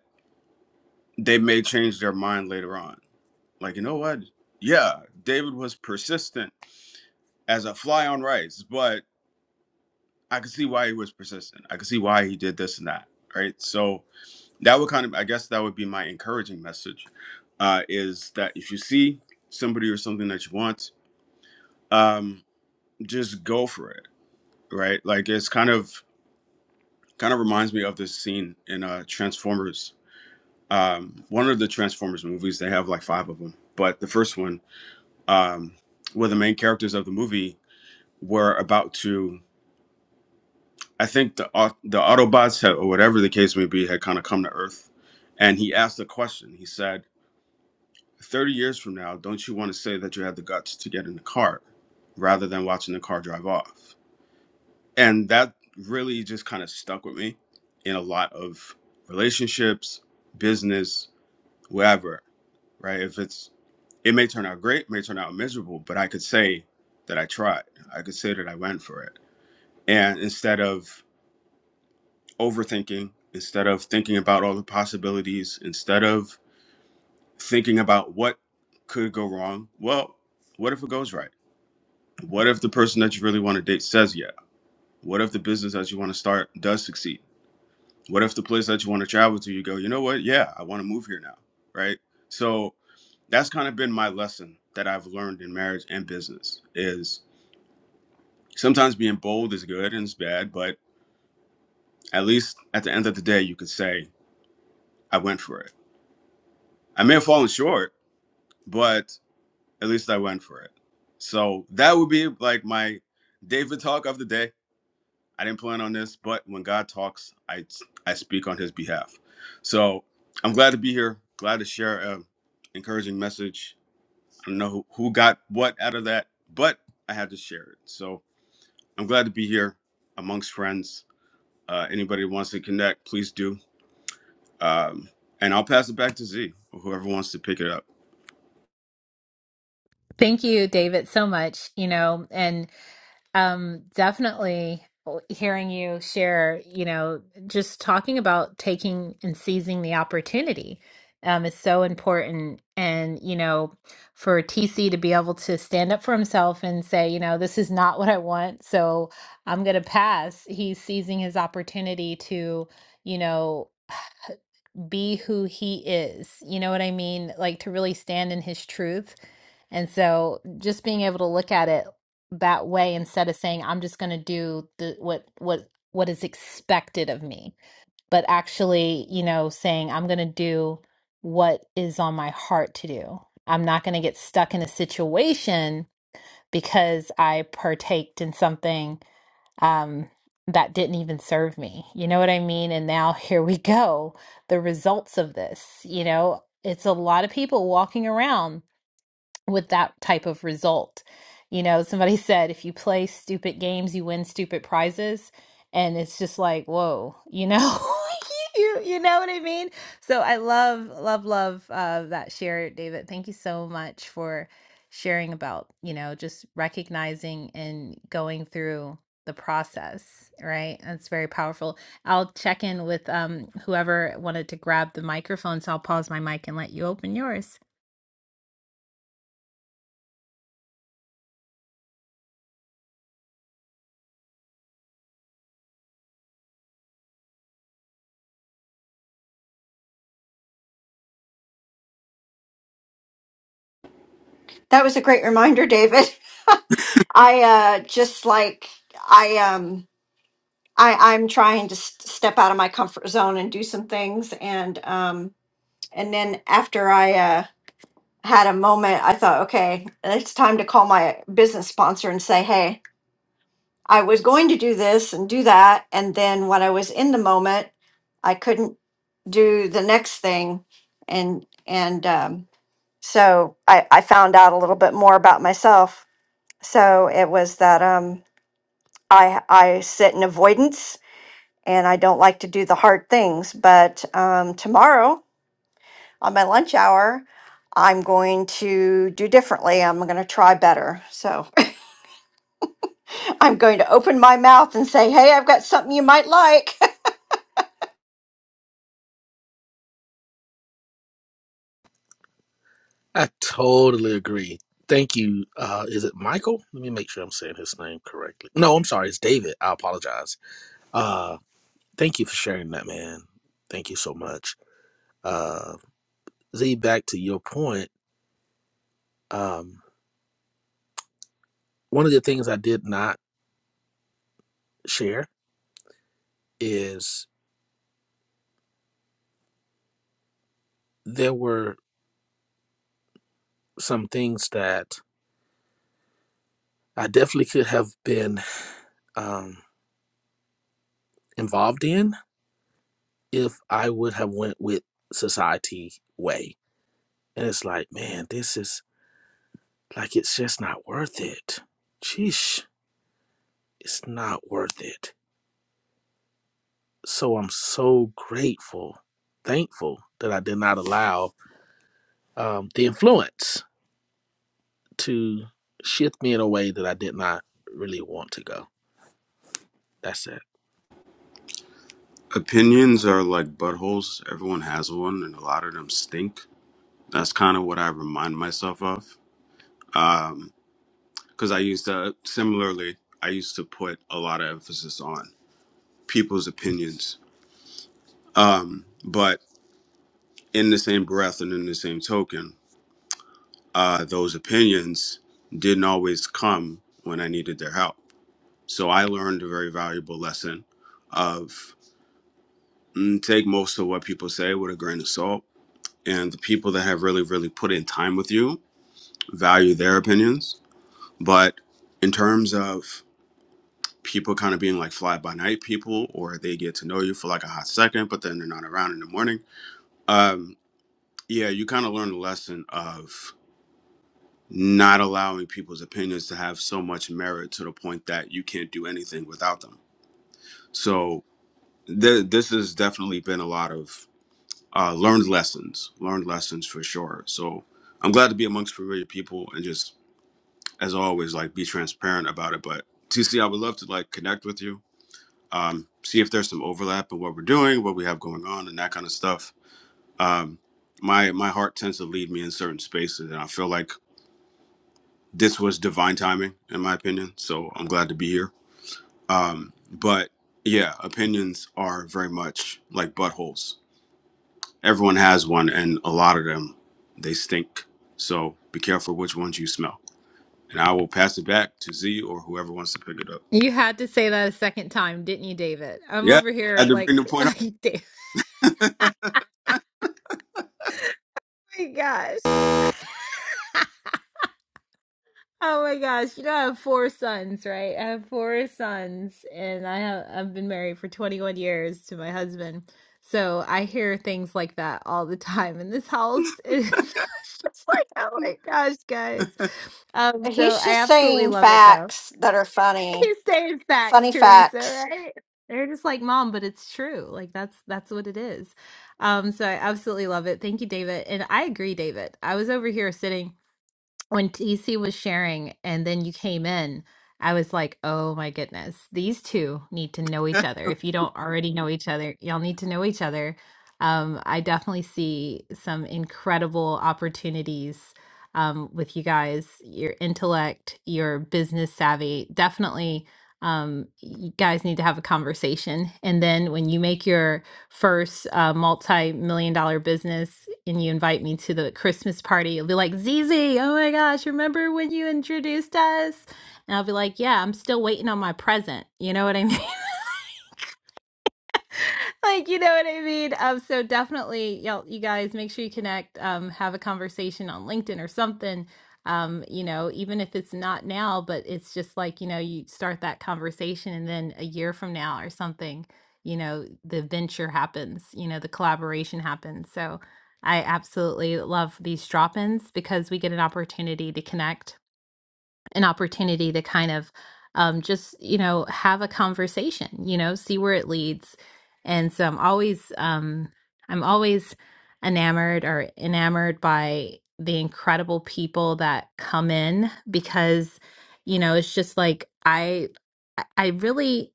they may change their mind later on like you know what yeah david was persistent as a fly on rice but i could see why he was persistent i could see why he did this and that right so that would kind of i guess that would be my encouraging message uh, is that if you see somebody or something that you want um, just go for it right like it's kind of kind of reminds me of this scene in uh, transformers um, one of the transformers movies they have like five of them but the first one um, were the main characters of the movie were about to i think the au- the autobots had, or whatever the case may be had kind of come to earth and he asked a question he said "30 years from now don't you want to say that you had the guts to get in the car rather than watching the car drive off and that really just kind of stuck with me in a lot of relationships business wherever right if it's it may turn out great may turn out miserable but i could say that i tried i could say that i went for it and instead of overthinking instead of thinking about all the possibilities instead of thinking about what could go wrong well what if it goes right what if the person that you really want to date says yeah what if the business that you want to start does succeed what if the place that you want to travel to you go you know what yeah i want to move here now right so that's kind of been my lesson that i've learned in marriage and business is sometimes being bold is good and it's bad but at least at the end of the day you could say i went for it i may have fallen short but at least I went for it. So that would be like my David talk of the day. I didn't plan on this, but when God talks, I I speak on His behalf. So I'm glad to be here. Glad to share an encouraging message. I don't know who, who got what out of that, but I had to share it. So I'm glad to be here amongst friends. Uh, anybody who wants to connect, please do. Um, and I'll pass it back to Z, or whoever wants to pick it up. Thank you, David, so much. You know, and Um, definitely hearing you share, you know, just talking about taking and seizing the opportunity um, is so important. And, you know, for TC to be able to stand up for himself and say, you know, this is not what I want, so I'm going to pass. He's seizing his opportunity to, you know, be who he is. You know what I mean? Like to really stand in his truth. And so just being able to look at it that way instead of saying I'm just going to do the what what what is expected of me, but actually, you know, saying I'm going to do what is on my heart to do. I'm not going to get stuck in a situation because I partaked in something um, that didn't even serve me. You know what I mean? And now here we go. The results of this, you know, it's a lot of people walking around with that type of result. You know, somebody said if you play stupid games, you win stupid prizes, and it's just like, whoa, you know, you you know what I mean? So I love love love uh, that share, David. Thank you so much for sharing about you know just recognizing and going through the process right that's very powerful i'll check in with um whoever wanted to grab the microphone so i'll pause my mic and let you open yours That was a great reminder, David. I uh, just like, I, um, I, I'm trying to s step out of my comfort zone and do some things. And, um, and then after I, uh, had a moment, I thought, okay, it's time to call my business sponsor and say, hey, I was going to do this and do that. And then when I was in the moment, I couldn't do the next thing. And, and, um, so I, I found out a little bit more about myself. So it was that, um, I, I sit in avoidance and I don't like to do the hard things. But, um, tomorrow on my lunch hour, I'm going to do differently. I'm going to try better. So I'm going to open my mouth and say, Hey, I've got something you might like. I totally agree. Thank you. Uh, is it Michael? Let me make sure I'm saying his name correctly. No, I'm sorry. It's David. I apologize. Uh, thank you for sharing that, man. Thank you so much. Uh, Z, back to your point. Um, one of the things I did not share is there were some things that I definitely could have been um, involved in if I would have went with society way. And it's like, man, this is Like it's just not worth it. Sheesh, it's not worth it. So I'm so grateful, thankful that I did not allow um, the influence to shift me in a way that I did not really want to go. That's it. Opinions are like buttholes. Everyone has one, and a lot of them stink. That's kind of what I remind myself of. Um, because I used to, similarly, I used to put a lot of emphasis on people's opinions. Um, but in the same breath and in the same token, uh, those opinions didn't always come when I needed their help. So I learned a very valuable lesson of mm, take most of what people say with a grain of salt and the people that have really really put in time with you value their opinions but in terms of people kind of being like fly by night people or they get to know you for like a hot second but then they're not around in the morning um yeah you kind of learn the lesson of not allowing people's opinions to have so much merit to the point that you can't do anything without them so th- this has definitely been a lot of uh, learned lessons learned lessons for sure so i'm glad to be amongst familiar people and just as always, like be transparent about it. But TC, I would love to like connect with you, um, see if there's some overlap in what we're doing, what we have going on, and that kind of stuff. Um, my my heart tends to lead me in certain spaces, and I feel like this was divine timing, in my opinion. So I'm glad to be here. Um, but yeah, opinions are very much like buttholes. Everyone has one, and a lot of them they stink. So be careful which ones you smell. And I will pass it back to Z or whoever wants to pick it up. You had to say that a second time, didn't you, David? I'm Yeah, over I here had to bring like, the point up. like David. Oh my gosh. Oh my gosh. You know, I have four sons, right? I have four sons, and I have I've been married for 21 years to my husband. So I hear things like that all the time in this house. It's just like, oh my gosh, guys. Um, so He's I just absolutely saying love it though. facts that are funny, He's saying facts, funny Teresa, facts. right? They're just like, mom, but it's true. Like that's that's what it is. Um, so I absolutely love it. Thank you, David. And I agree, David. I was over here sitting when TC was sharing and then you came in, I was like, oh my goodness, these two need to know each other. If you don't already know each other, y'all need to know each other. Um, I definitely see some incredible opportunities um, with you guys, your intellect, your business savvy. Definitely, um, you guys need to have a conversation. And then when you make your first uh, multi-million dollar business and you invite me to the Christmas party, you'll be like, Zizi, oh my gosh, remember when you introduced us? And I'll be like, yeah, I'm still waiting on my present. You know what I mean? like you know what i mean um so definitely y'all you guys make sure you connect um have a conversation on linkedin or something um you know even if it's not now but it's just like you know you start that conversation and then a year from now or something you know the venture happens you know the collaboration happens so i absolutely love these drop-ins because we get an opportunity to connect an opportunity to kind of um, just you know have a conversation you know see where it leads and so i'm always um, i'm always enamored or enamored by the incredible people that come in because you know it's just like i i I really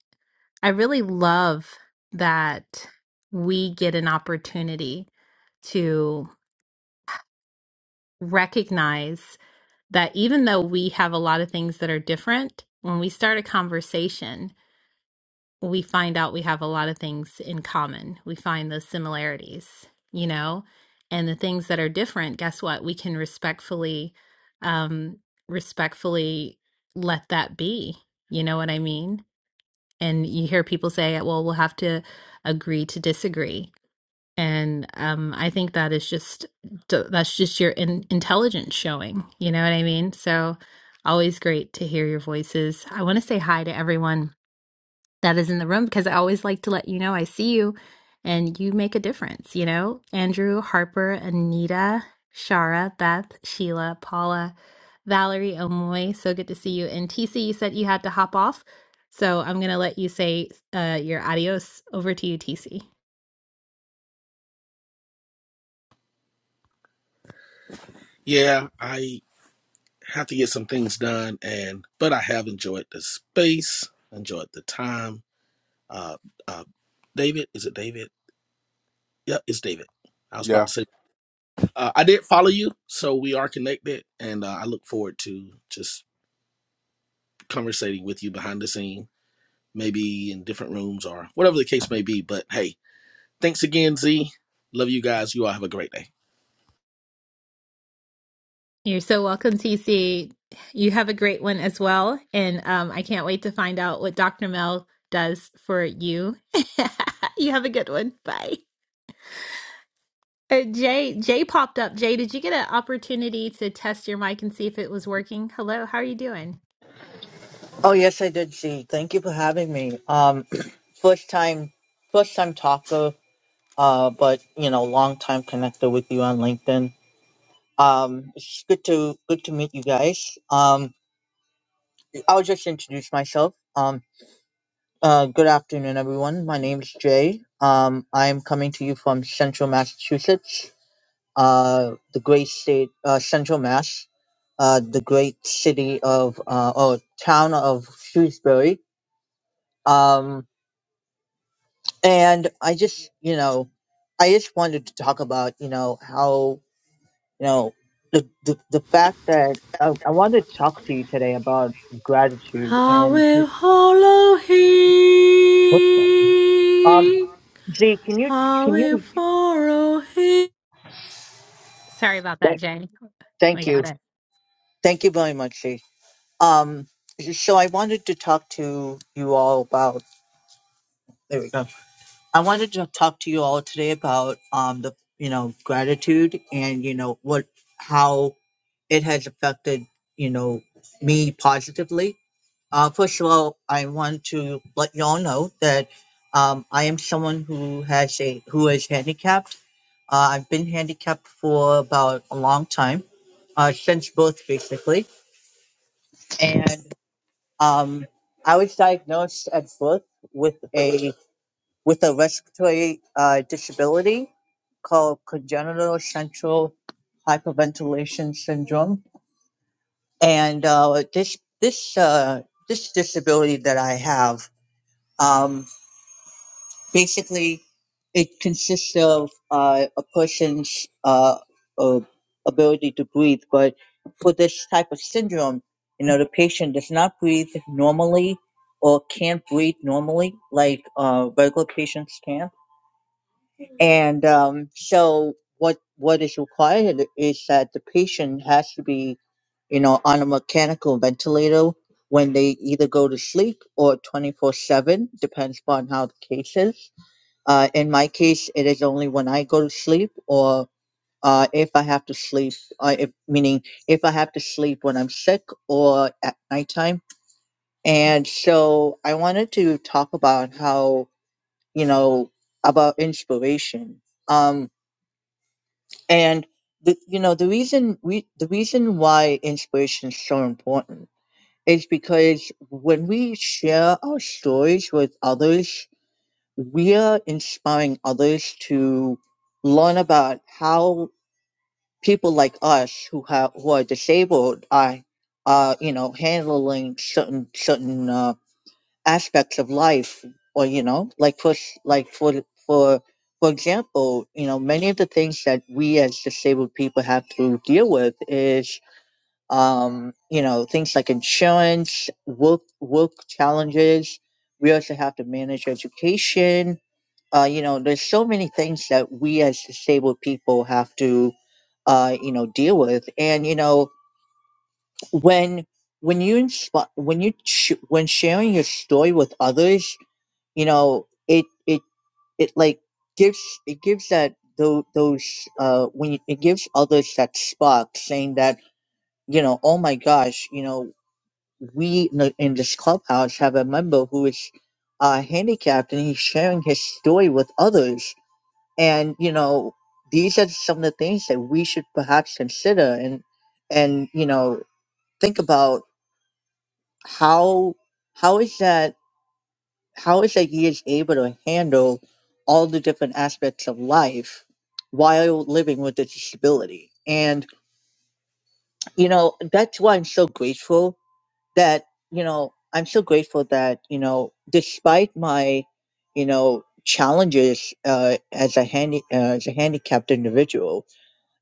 i really love that we get an opportunity to recognize that even though we have a lot of things that are different, when we start a conversation, we find out we have a lot of things in common. We find those similarities, you know, and the things that are different, guess what? We can respectfully, um, respectfully let that be. You know what I mean? And you hear people say, well, we'll have to agree to disagree and um, I think that is just that's just your in- intelligence showing. You know what I mean? So always great to hear your voices. I want to say hi to everyone that is in the room because I always like to let you know I see you and you make a difference. You know, Andrew, Harper, Anita, Shara, Beth, Sheila, Paula, Valerie, Omoy. So good to see you. And TC, you said you had to hop off. So I'm going to let you say uh, your adios over to you, TC. Yeah, I have to get some things done, and but I have enjoyed the space, enjoyed the time. Uh, uh, David, is it David? Yeah, it's David. I was about Yeah. to say uh, I did follow you, so we are connected, and uh, I look forward to just conversating with you behind the scene, maybe in different rooms or whatever the case may be. But hey, thanks again, Z. Love you guys. You all have a great day. You're so welcome, TC. You have a great one as well. And um, I can't wait to find out what Dr. Mel does for you. you have a good one. Bye. Uh, Jay, Jay popped up. Jay, did you get an opportunity to test your mic and see if it was working? Hello, how are you doing? Oh yes, I did see. Thank you for having me. Um, first time, first time talker. Uh, but you know, long time connector with you on LinkedIn. Um, it's good to good to meet you guys. Um, I'll just introduce myself. Um, uh, good afternoon, everyone. My name is Jay. Um, I'm coming to you from Central Massachusetts, uh, the great state, uh, Central Mass, uh, the great city of uh, or town of Shrewsbury. Um, and i just you know i just wanted to talk about you know how you know the the, the fact that I, I wanted to talk to you today about gratitude I and will follow him. what um z can you I can will you follow him. Sorry about that, Jay. We thank you got it. thank you very much z um so i wanted to talk to you all about there we go I wanted to talk to you all today about um the you know gratitude and you know what how it has affected you know me positively. Uh, first of all, I want to let you all know that um, I am someone who has a who is handicapped. Uh, I've been handicapped for about a long time, uh, since birth basically, and um, I was diagnosed at birth with a with a respiratory uh, disability called congenital central hyperventilation syndrome. And uh, this this uh, this disability that I have, um, basically, it consists of uh, a person's uh, uh, ability to breathe. But for this type of syndrome, you know, the patient does not breathe normally or can't breathe normally like uh, regular patients can And um, so what what is required is that the patient has to be, you know, on a mechanical ventilator when they either go to sleep or 24/7, depends upon how the case is. Uh, in my case, it is only when I go to sleep or uh, if I have to sleep, uh, if, meaning if I have to sleep when I'm sick or at nighttime. And so I wanted to talk about how, you know, about inspiration. Um, and the, you know the reason we the reason why inspiration is so important is because when we share our stories with others, we are inspiring others to learn about how people like us who have who are disabled are are you know handling certain certain uh, aspects of life or you know like for s- like for for for example you know many of the things that we as disabled people have to deal with is um you know things like insurance work work challenges we also have to manage education uh you know there's so many things that we as disabled people have to uh you know deal with and you know when when you inspi- when you sh- when sharing your story with others you know it it it like gives it gives that those, those uh when you, it gives others that spark saying that you know oh my gosh you know we in, the, in this clubhouse have a member who is uh handicapped and he's sharing his story with others and you know these are some of the things that we should perhaps consider and and you know think about how how is that how is that he is able to handle all the different aspects of life while living with a disability and you know that's why i'm so grateful that you know i'm so grateful that you know despite my you know challenges uh, as a handy uh, as a handicapped individual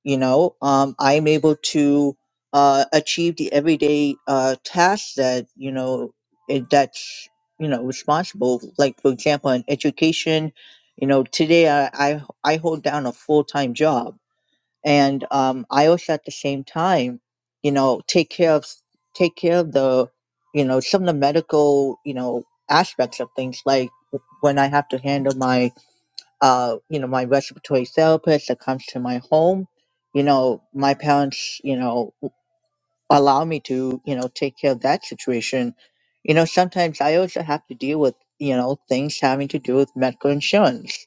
you know um, i'm able to uh, achieve the everyday uh, tasks that you know it, that's you know responsible like for example in education you know today i i, I hold down a full-time job and um, i also at the same time you know take care of take care of the you know some of the medical you know aspects of things like when i have to handle my uh, you know, my respiratory therapist that comes to my home. You know, my parents, you know, allow me to, you know, take care of that situation. You know, sometimes I also have to deal with, you know, things having to do with medical insurance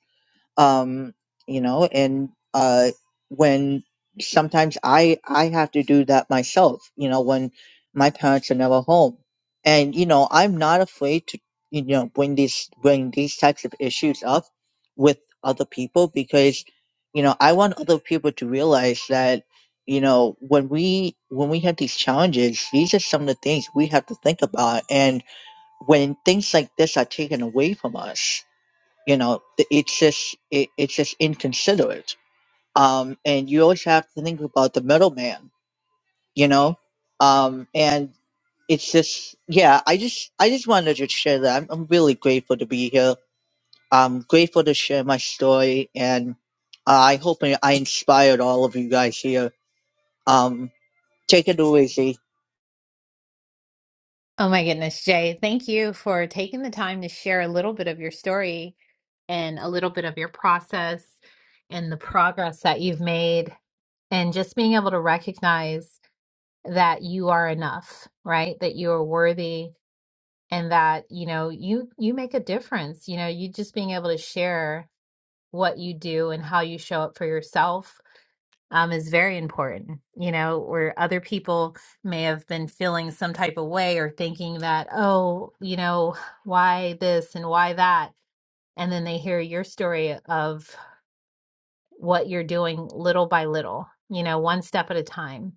um you know and uh when sometimes i i have to do that myself you know when my parents are never home and you know i'm not afraid to you know bring these bring these types of issues up with other people because you know i want other people to realize that you know when we when we have these challenges these are some of the things we have to think about and when things like this are taken away from us you know th- it's just it, it's just inconsiderate um and you always have to think about the middleman you know um and it's just yeah i just i just wanted to share that i'm, I'm really grateful to be here i'm grateful to share my story and i hope i I inspired all of you guys here um take it away Z. Oh my goodness, Jay, thank you for taking the time to share a little bit of your story and a little bit of your process and the progress that you've made, and just being able to recognize that you are enough, right? That you are worthy and that, you know, you you make a difference. You know, you just being able to share what you do and how you show up for yourself um, is very important, you know, where other people may have been feeling some type of way or thinking that, oh, you know, why this and why that. And then they hear your story of what you're doing little by little, you know, one step at a time,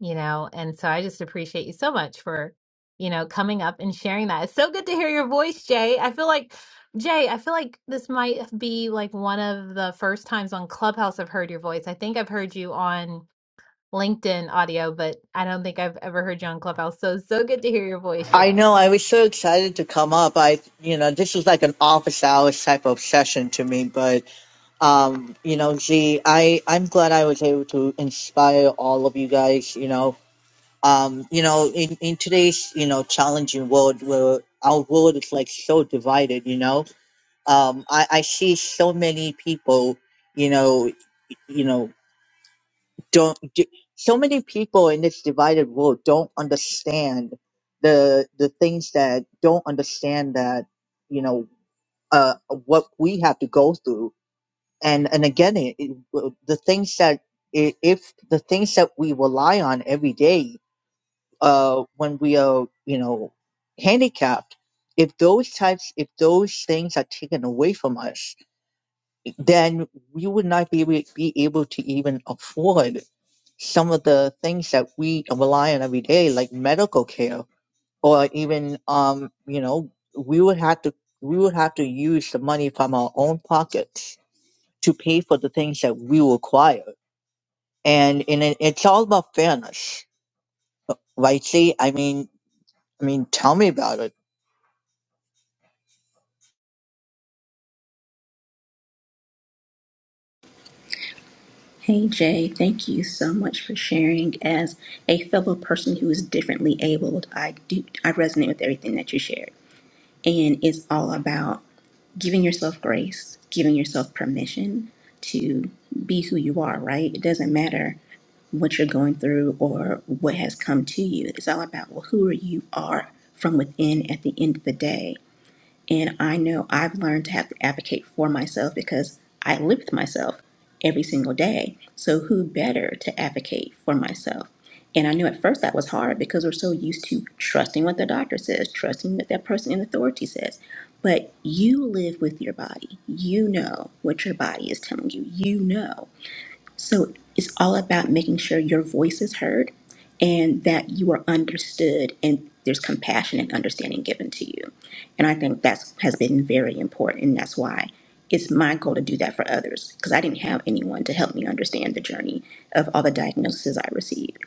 you know. And so I just appreciate you so much for, you know, coming up and sharing that. It's so good to hear your voice, Jay. I feel like, Jay, I feel like this might be like one of the first times on Clubhouse I've heard your voice. I think I've heard you on. LinkedIn audio, but I don't think I've ever heard you on Clubhouse. So so good to hear your voice, i Jay. know i was so excited to come up i you know this was like an office hours type of session to me but Um, you know, gee, I I'm glad I was able to inspire all of you guys. You know, um, you know, in in today's you know challenging world where our world is like so divided, you know, um, I I see so many people, you know, you know, don't d- so many people in this divided world don't understand the the things that don't understand that you know uh what we have to go through and and again it, it, w- the things that i- if the things that we rely on every day uh when we are you know handicapped if those types if those things are taken away from us then we would not be able, be able to even afford some of the things that we rely on every day like medical care or even um you know we would have to we would have to use the money from our own pockets to pay for the things that we require and in it, it's all about fairness, right? See, I mean, I mean, tell me about it. Hey Jay, thank you so much for sharing. As a fellow person who is differently abled, I do I resonate with everything that you shared, and it's all about giving yourself grace, giving yourself permission to be who you are, right? It doesn't matter what you're going through or what has come to you. It's all about well, who you are from within at the end of the day. And I know I've learned to have to advocate for myself because I live with myself every single day. So who better to advocate for myself? And I knew at first that was hard because we're so used to trusting what the doctor says, trusting what that person in authority says. But you live with your body. You know what your body is telling you. You know. So it's all about making sure your voice is heard and that you are understood and there's compassion and understanding given to you. And I think that's has been very important. And that's why it's my goal to do that for others because I didn't have anyone to help me understand the journey of all the diagnoses I received.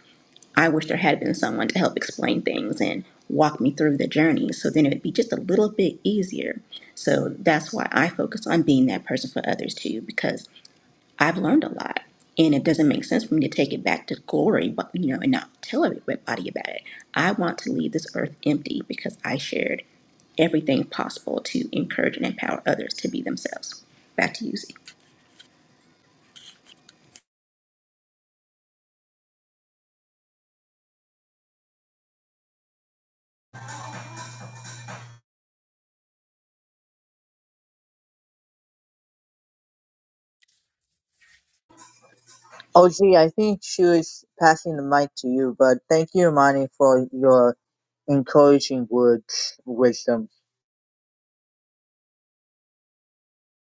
I wish there had been someone to help explain things and walk me through the journey so then it'd be just a little bit easier. So that's why I focus on being that person for others too because I've learned a lot. And it doesn't make sense for me to take it back to glory, but you know, and not tell everybody about it. I want to leave this earth empty because I shared everything possible to encourage and empower others to be themselves. Back to you, Z. Oh, gee, I think she was passing the mic to you, but thank you, Imani, for your encouraging words, wisdom.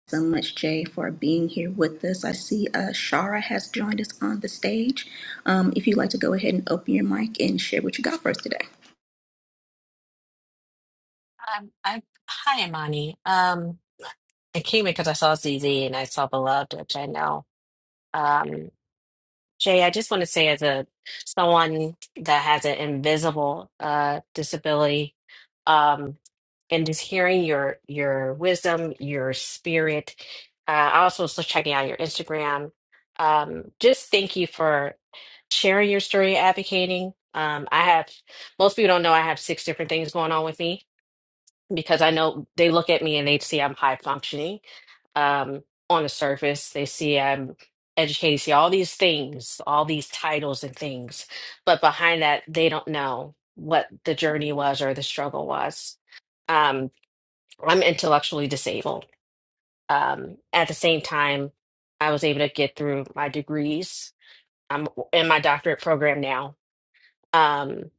So much, Jay, for being here with us. I see uh, Shara has joined us on the stage. Um, if you'd like to go ahead and open your mic and share what you got for us today. I'm, i hi, Imani. Um, I came because I saw ZZ and I saw Beloved, which I know. Um, Jay, I just want to say, as a someone that has an invisible uh, disability, um, and just hearing your your wisdom, your spirit. Uh, I also was checking out your Instagram. Um, just thank you for sharing your story, advocating. Um, I have most people don't know I have six different things going on with me because I know they look at me and they see I'm high functioning um, on the surface. They see I'm educated, see all these things, all these titles and things. But behind that, they don't know what the journey was or the struggle was. Um, I'm intellectually disabled. Um, at the same time, I was able to get through my degrees. I'm in my doctorate program now. Um,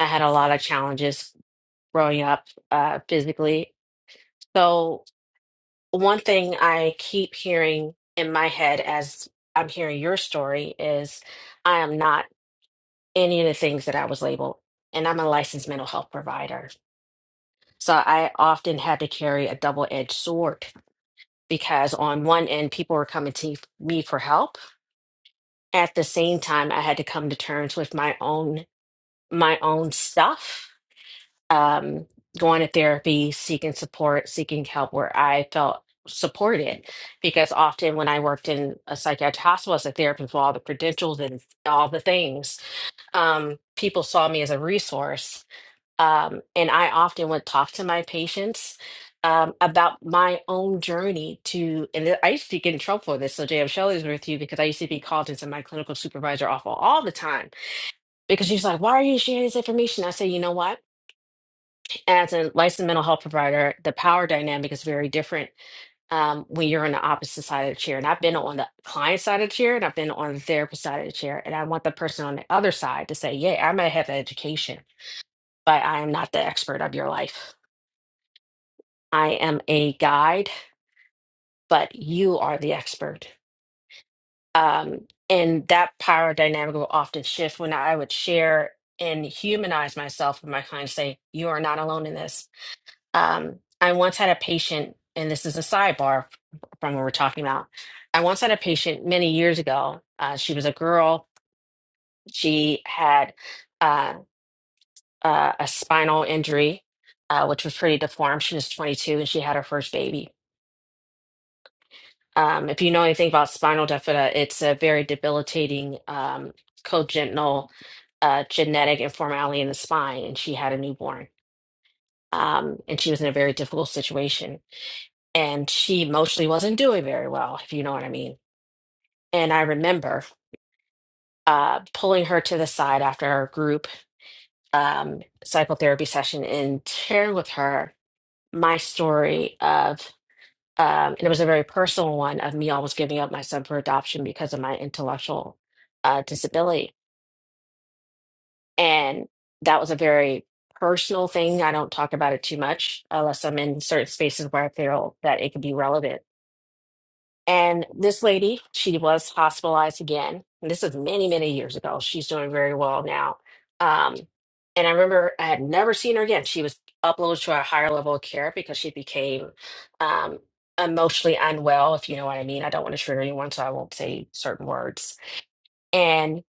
I had a lot of challenges growing up uh, physically. So one thing I keep hearing in my head as I'm hearing your story is I am not any of the things that I was labeled, and I'm a licensed mental health provider. So I often had to carry a double edged sword because, on one end, people were coming to me for help. At the same time, I had to come to terms with my own my own stuff um, going to therapy, seeking support, seeking help where I felt supported. Because often when I worked in a psychiatric hospital as a therapist with all the credentials and all the things, um, people saw me as a resource. Um, and I often would talk to my patients um, about my own journey to, and I used to get in trouble for this. So JM Shelley's with you because I used to be called into my clinical supervisor awful all the time because she's like, why are you sharing this information? I say, you know what? as a licensed mental health provider, the power dynamic is very different um, when you're on the opposite side of the chair. And I've been on the client side of the chair and I've been on the therapist side of the chair. And I want the person on the other side to say, yeah, I might have the education, but I am not the expert of your life. I am a guide, but you are the expert. Um, and that power dynamic will often shift when I would share and humanize myself with my clients, say, you are not alone in this Um, I once had a patient, and this is a sidebar from what we're talking about. I once had a patient many years ago. Uh, she was a girl. She had uh, uh, a spinal injury, uh, which was pretty deformed. She was 22 and she had her first baby. Um, if you know anything about spinal bifida, it's a very debilitating um, congenital uh, genetic informality in the spine, and she had a newborn. Um, and she was in a very difficult situation and she emotionally wasn't doing very well, if you know what I mean. And I remember uh, pulling her to the side after our group um, psychotherapy session and sharing with her my story of, um, and it was a very personal one of me almost giving up my son for adoption because of my intellectual uh, disability. And that was a very personal thing. I don't talk about it too much unless I'm in certain spaces where I feel that it could be relevant And this lady, she was hospitalized again. And this is many, many years ago. She's doing very well now. Um, and I remember I had never seen her again. She was uploaded to a higher level of care because she became um, emotionally unwell, if you know what I mean. I don't want to trigger anyone, so I won't say certain words. And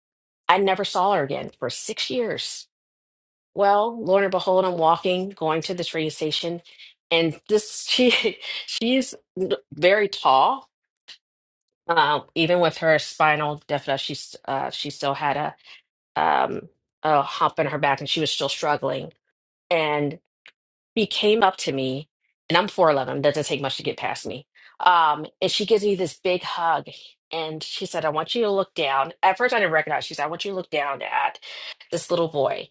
I never saw her again for six years. Well, lo and behold, I'm walking, going to the train station, and this she she's very tall uh, even with her spinal deafness, she's uh, she still had a um, a hump in her back, and she was still struggling. And she came up to me, and I'm four eleven. Doesn't take much to get past me. Um, and she gives me this big hug, and she said, "I want you to look down." At first, I didn't recognize. She said, "I want you to look down at this little boy."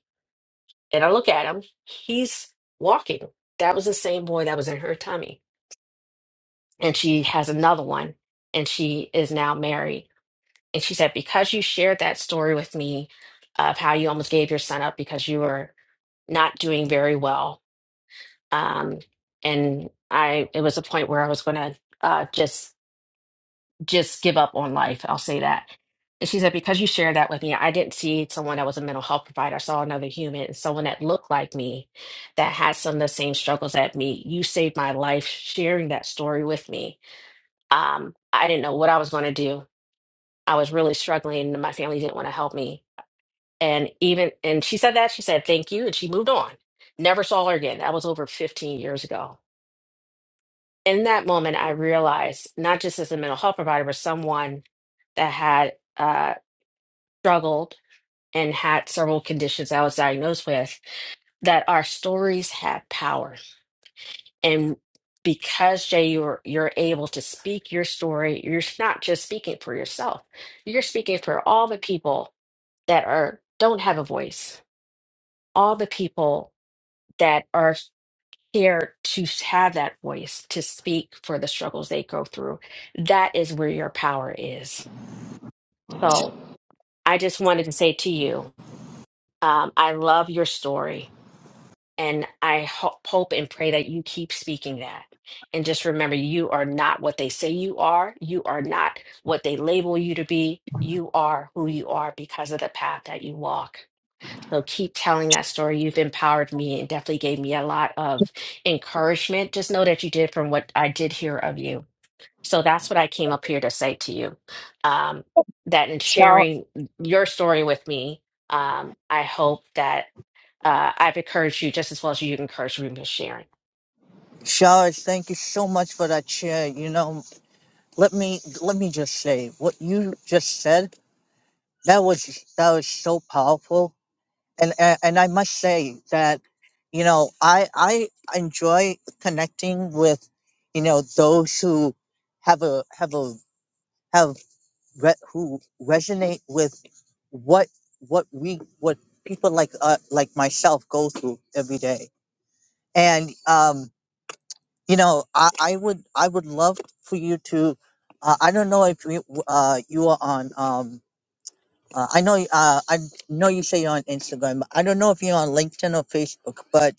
And I look at him. He's walking. That was the same boy that was in her tummy, and she has another one, and she is now married And she said, Because you shared that story with me of how you almost gave your son up because you were not doing very well. Um, and I, it was a point where I was going to uh, just, just give up on life. I'll say that. And she said, Because you shared that with me, I didn't see someone that was a mental health provider. I saw another human, someone that looked like me, that had some of the same struggles that me. You saved my life sharing that story with me. Um, I didn't know what I was going to do. I was really struggling, and my family didn't want to help me And even and she said that, she said thank you, and she moved on. Never saw her again. That was over 15 years ago. In that moment, I realized not just as a mental health provider, but someone that had uh, struggled and had several conditions I was diagnosed with, that our stories have power. And because Jay, you're you're able to speak your story, you're not just speaking for yourself. You're speaking for all the people that are don't have a voice, all the people that are here to have that voice to speak for the struggles they go through. That is where your power is. So I just wanted to say to you, um, I love your story, and I ho- hope and pray that you keep speaking that. And just remember, you are not what they say you are. You are not what they label you to be. You are who you are because of the path that you walk. So keep telling that story. You've empowered me and definitely gave me a lot of encouragement. Just know that you did from what I did hear of you. So that's what I came up here to say to you. Um, that in Shal, sharing your story with me, um, I hope that uh, I've encouraged you just as well as you've encouraged me with sharing. Sharice, thank you so much for that share. You know, let me let me just say what you just said. That was that was so powerful and a- and I must say that you know I I enjoy connecting with you know those who have a have a have re- who resonate with what what we what people like uh, like myself go through every day and um you know I, I would I would love for you to uh, I don't know if you uh you are on um uh, I know y- uh I know you say you're on Instagram I don't know if you're on LinkedIn or Facebook but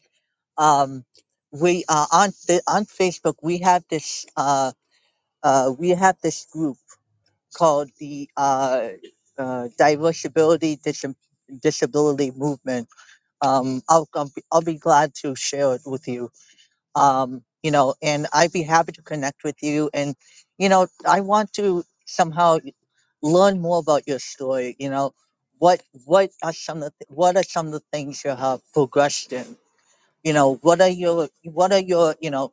um, we uh, on the, on Facebook we have this uh, uh, we have this group called the uh, uh, Diversibility Dis- Disability Movement. Um, I'll, I'll be I'll be glad to share it with you. Um, you know, and I'd be happy to connect with you. And you know, I want to somehow learn more about your story. You know, what what are some of the, what are some of the things you have progressed in? you know what are your what are your you know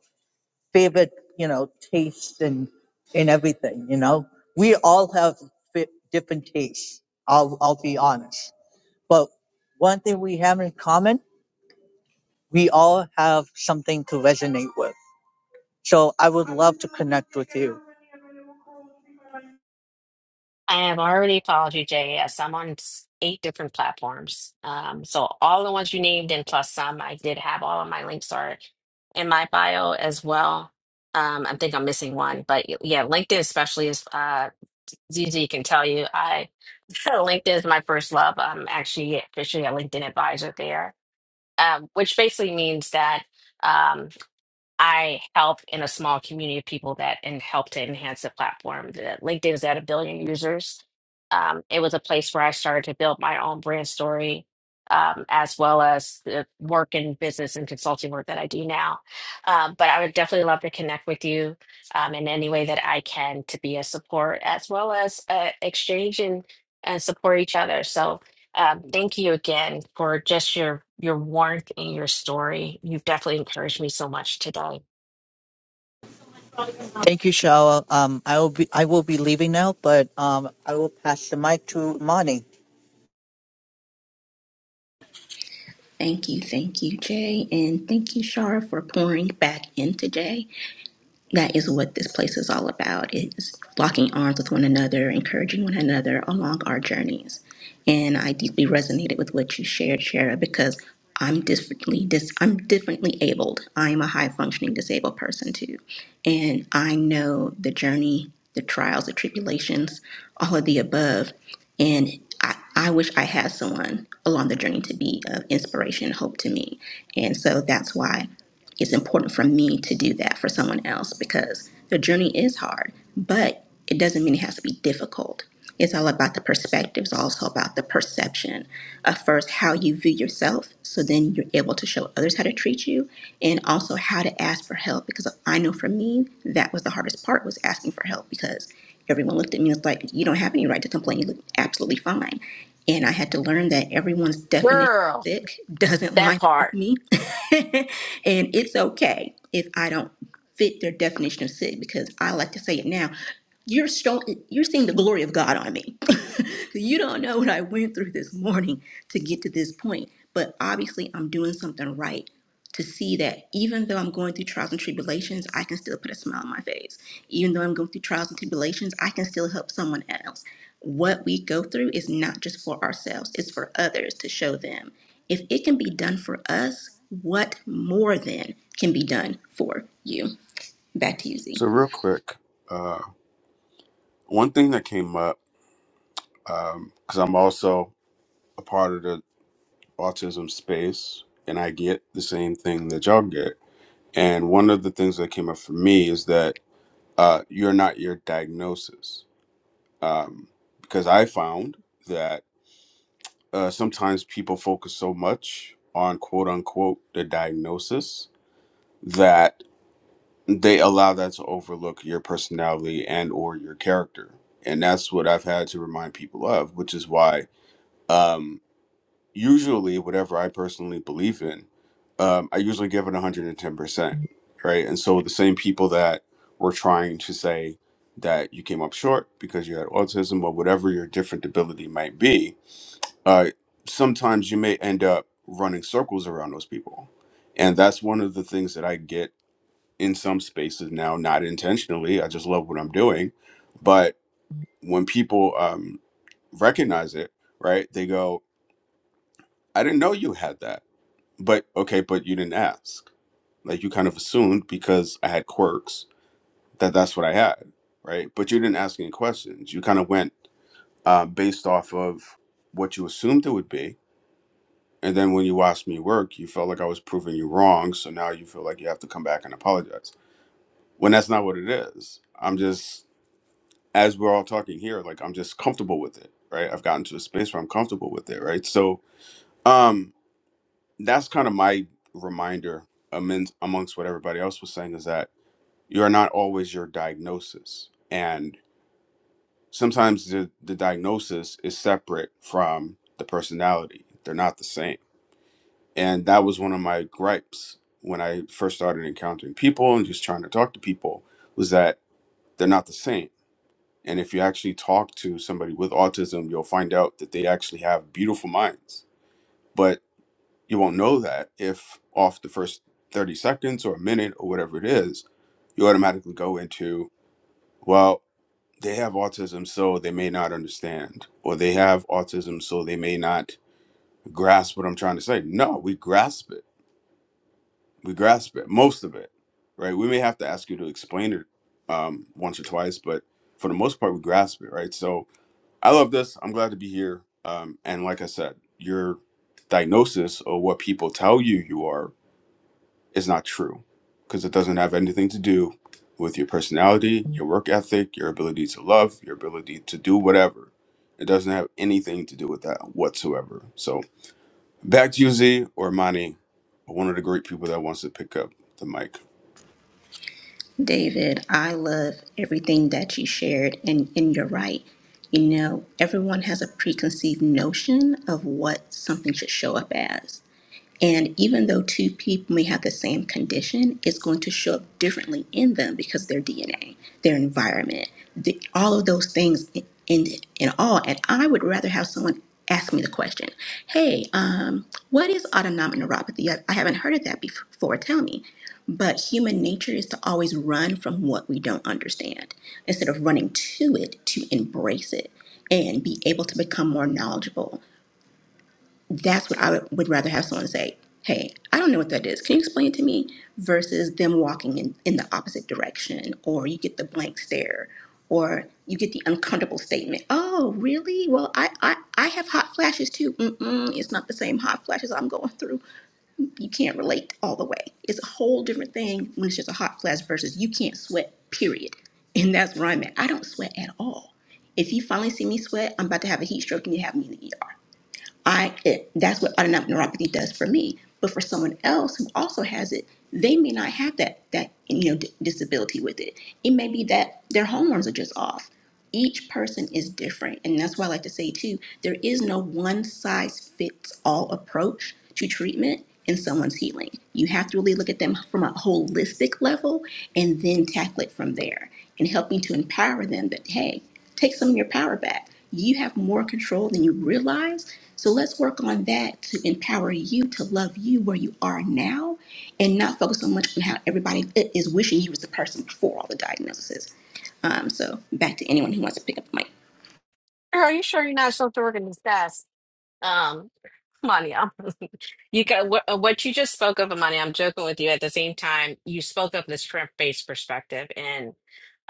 favorite you know tastes and and everything you know we all have fi- different tastes i'll i'll be honest but one thing we have in common we all have something to resonate with so i would love to connect with you I have already followed you, JS. I'm on s- eight different platforms. Um, so all the ones you named and plus some, I did have all of my links are in my bio as well. Um, I think I'm missing one, but y- yeah, LinkedIn especially is uh, ZZ can tell you. I LinkedIn is my first love. I'm actually officially a LinkedIn advisor there, um, which basically means that. um, I help in a small community of people that and help to enhance the platform. The LinkedIn is at a billion users. Um, it was a place where I started to build my own brand story, um, as well as the work in business and consulting work that I do now. Um, but I would definitely love to connect with you um, in any way that I can to be a support, as well as uh, exchange and and support each other. So um, thank you again for just your your warmth and your story. You've definitely encouraged me so much today, thank you Shawa. um i will be i will be leaving now but um i will pass the mic to mani Thank you, thank you, Jay, and thank you, Shara, for pouring back into Jay. that is what this place is all about is locking arms with one another encouraging one another along our journeys and i deeply resonated with what you shared shara because i'm differently dis- i'm differently abled i am a high functioning disabled person too and i know the journey the trials the tribulations all of the above and I, I wish I had someone along the journey to be of inspiration and hope to me. And so that's why it's important for me to do that for someone else because the journey is hard, but it doesn't mean it has to be difficult. It's all about the perspective. It's also about the perception of first how you view yourself. So then you're able to show others how to treat you and also how to ask for help. Because I know for me, that was the hardest part was asking for help because everyone looked at me and was like, you don't have any right to complain. You look absolutely fine. And I had to learn that everyone's definition girl. of sick doesn't That line up with part. me and it's okay if I don't fit their definition of sick because I like to say it now. You're showing, you're seeing the glory of God on me. you don't know what I went through this morning to get to this point, but obviously I'm doing something right to see that even though I'm going through trials and tribulations, I can still put a smile on my face. Even though I'm going through trials and tribulations, I can still help someone else. What we go through is not just for ourselves, it's for others to show them. If it can be done for us, what more then can be done for you? Back to you, Z. So real quick, uh, one thing that came up because I'm also a part of the autism space, and I get the same thing that y'all get. And one of the things that came up for me is that uh, you're not your diagnosis, um, because I found that uh, sometimes people focus so much on quote unquote the diagnosis that. they allow that to overlook your personality and or your character and that's what i've had to remind people of which is why um usually whatever i personally believe in um i usually give it 110% right and so the same people that were trying to say that you came up short because you had autism or whatever your different ability might be uh sometimes you may end up running circles around those people and that's one of the things that i get in some spaces now, not intentionally. I just love what I'm doing. But when people um, recognize it, right, they go, I didn't know you had that. But okay, but you didn't ask. Like you kind of assumed because I had quirks that that's what I had, right? But you didn't ask any questions. You kind of went uh, based off of what you assumed it would be. And then when you watched me work, you felt like I was proving you wrong. So now you feel like you have to come back and apologize when that's not what it is. I'm just as we're all talking here, like I'm just comfortable with it, right? I've gotten to a space where I'm comfortable with it, right? So um that's kind of my reminder amidst, amongst what everybody else was saying is that you are not always your diagnosis. And sometimes the, the diagnosis is separate from the personality. They're not the same. And that was one of my gripes when I first started encountering people and just trying to talk to people was that they're not the same And if you actually talk to somebody with autism, you'll find out that they actually have beautiful minds. But you won't know that if off the first 30 seconds or a minute or whatever it is, you automatically go into, well, they have autism, so they may not understand, or they have autism, so they may not grasp what I'm trying to say. No, we grasp it. We grasp it, most of it, right? We may have to ask you to explain it um, once or twice, but for the most part, we grasp it, right? So, I love this. I'm glad to be here. Um, and like I said, your diagnosis or what people tell you you are is not true because it doesn't have anything to do with your personality, your work ethic, your ability to love, your ability to do whatever. It doesn't have anything to do with that whatsoever. So back to you, Z or Mani, one of the great people that wants to pick up the mic. David, I love everything that you shared, and, and you're right. You know, everyone has a preconceived notion of what something should show up as. And even though two people may have the same condition, it's going to show up differently in them because their DNA, their environment, the, all of those things in, in, in all. And I would rather have someone ask me the question, hey, um, what is autonomic neuropathy? I, I haven't heard of that before. Tell me. But human nature is to always run from what we don't understand instead of running to it to embrace it and be able to become more knowledgeable that's what I would, would rather have someone say, hey, I don't know what that is. Can you explain it to me? Versus them walking in, in the opposite direction, or you get the blank stare, or you get the uncomfortable statement, oh, really? Well, I, I, I have hot flashes too. Mm-mm, it's not the same hot flashes I'm going through. You can't relate all the way. It's a whole different thing when it's just a hot flash versus you can't sweat, period. And that's where I'm at. I don't sweat at all. If you finally see me sweat, I'm about to have a heat stroke and you have me in the ER I it, that's what autonomic neuropathy does for me. But for someone else who also has it, they may not have that that you know d- disability with it. It may be that their hormones are just off each person is different and that's why i like to say too there is no one size fits all approach to treatment in someone's healing you have to really look at them from a holistic level and then tackle it from there and helping to empower them that hey take some of your power back you have more control than you realize so let's work on that to empower you to love you where you are now and not focus so much on how everybody eh, is wishing you was the person before all the diagnoses um, so back to anyone who wants to pick up the mic. Girl, you sure you're not so to work in disguise? Um, come on, y'all. You got what, uh, what you just spoke of, Amani. I'm joking with you. At the same time, you spoke of this shrimp-based perspective, and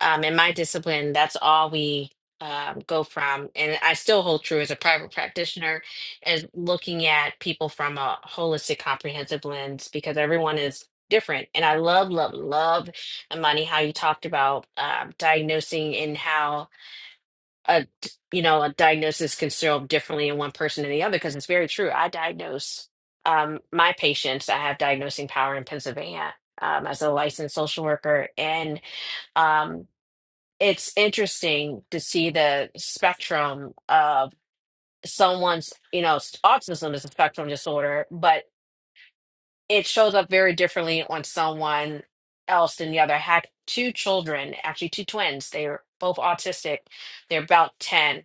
um, in my discipline, that's all we um, go from. And I still hold true as a private practitioner, is looking at people from a holistic, comprehensive lens because everyone is different. And I love, love, love, Amani, how you talked about um, diagnosing and how a d- you know a diagnosis can show up differently in one person than the other because it's very true i diagnose um, my patients i have diagnosing power in pennsylvania um, as a licensed social worker and um, it's interesting to see the spectrum of someone's you know s- autism is a spectrum disorder but it shows up very differently on someone else than the other I had two children actually two twins they were both autistic they're about 10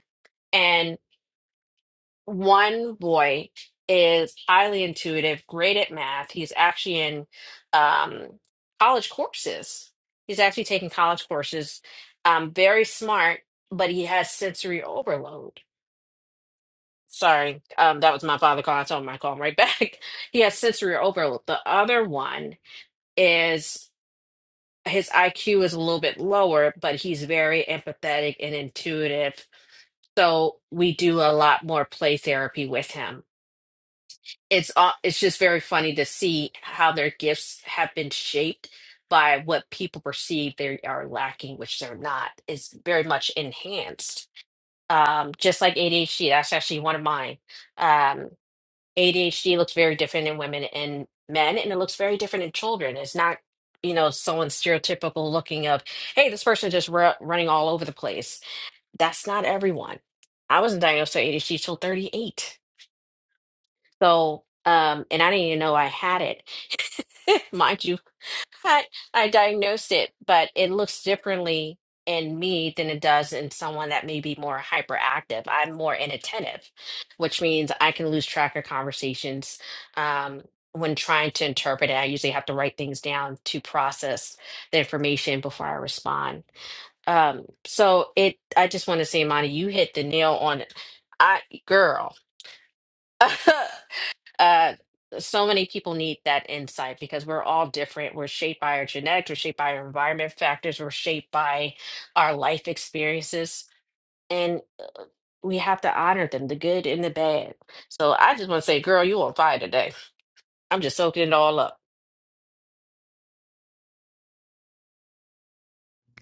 and one boy is highly intuitive, great at math. He's actually in um, college courses. He's actually taking college courses. Um, very smart, but he has sensory overload. Sorry, um, that was my father calling. I told him I call him right back. he has sensory overload. The other one is his IQ is a little bit lower, but he's very empathetic and intuitive. So we do a lot more play therapy with him it's uh, it's just very funny to see how their gifts have been shaped by what people perceive they are lacking, which they're not. Is very much enhanced. Um, just like ADHD, that's actually one of mine. Um, ADHD looks very different in women and men, and it looks very different in children. It's not, you know, someone stereotypical looking of, hey, this person just ru- running all over the place. That's not everyone. I wasn't diagnosed with ADHD till 38. So, um, and I didn't even know I had it. mind you, I, I diagnosed it, but it looks differently in me than it does in someone that may be more hyperactive. I'm more inattentive, which means I can lose track of conversations um, when trying to interpret it. I usually have to write things down to process the information before I respond. Um, so it, I just want to say, Monty, you hit the nail on it. I, girl. uh so many people need that insight because we're all different. We're shaped by our genetics, we're shaped by our environment factors, we're shaped by our life experiences, and we have to honor them, the good and the bad. So I just want to say, girl, you on fire today. I'm just soaking it all up.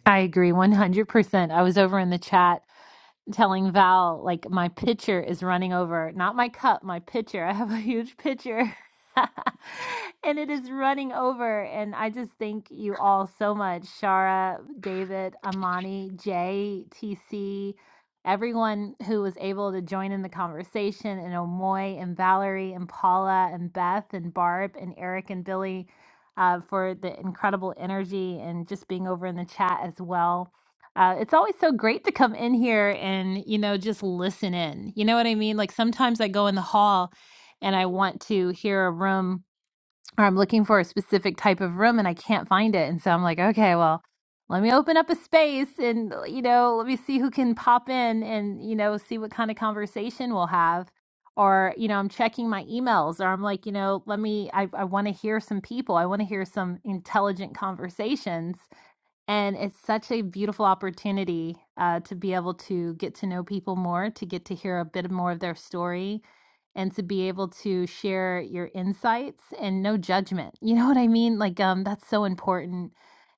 I agree 100%. I was over in the chat telling Val like my pitcher is running over, not my cup, my pitcher. I have a huge pitcher. and it is running over and I just thank you all so much. Shara, David, Amani, Jay, TC, everyone who was able to join in the conversation and Omoy and Valerie and Paula and Beth and Barb and Eric and Billy uh, for the incredible energy and just being over in the chat as well uh, it's always so great to come in here and, you know, just listen in. You know what I mean? Like sometimes I go in the hall and I want to hear a room or I'm looking for a specific type of room and I can't find it. And so I'm like, okay, well, let me open up a space and, uh, you know, let me see who can pop in and, you know, see what kind of conversation we'll have. Or, you know, I'm checking my emails or I'm like, you know, let me, I, I want to hear some people. I want to hear some intelligent conversations and it's such a beautiful opportunity uh, to be able to get to know people more, to get to hear a bit more of their story, and to be able to share your insights and no judgment. You know what I mean? Like, um, that's so important.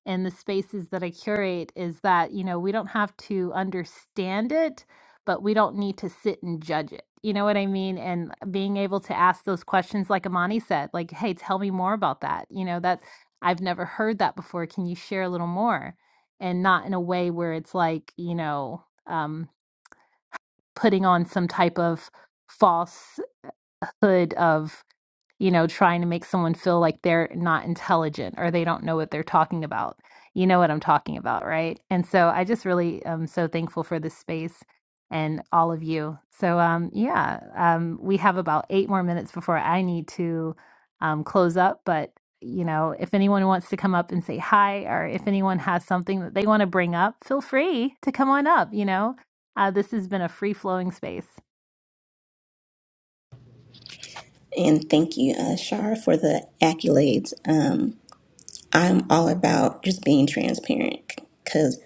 And the spaces that I curate is that, you know, we don't have to understand it, but we don't need to sit and judge it. You know what I mean? And being able to ask those questions, like Amani said, like, hey, tell me more about that. You know, that's I've never heard that before. Can you share a little more? And not in a way where it's like, you know, um, putting on some type of falsehood of you know, trying to make someone feel like they're not intelligent or they don't know what they're talking about. You know what I'm talking about, right? And so I just really am so thankful for this space and all of you. So um yeah, um we have about 8 more minutes before I need to um close up, but you know, if anyone wants to come up and say hi or if anyone has something that they want to bring up, feel free to come on up, you know. Uh, this has been a free flowing space. And thank you, uh, Shar, for the accolades. Um, I'm all about just being transparent because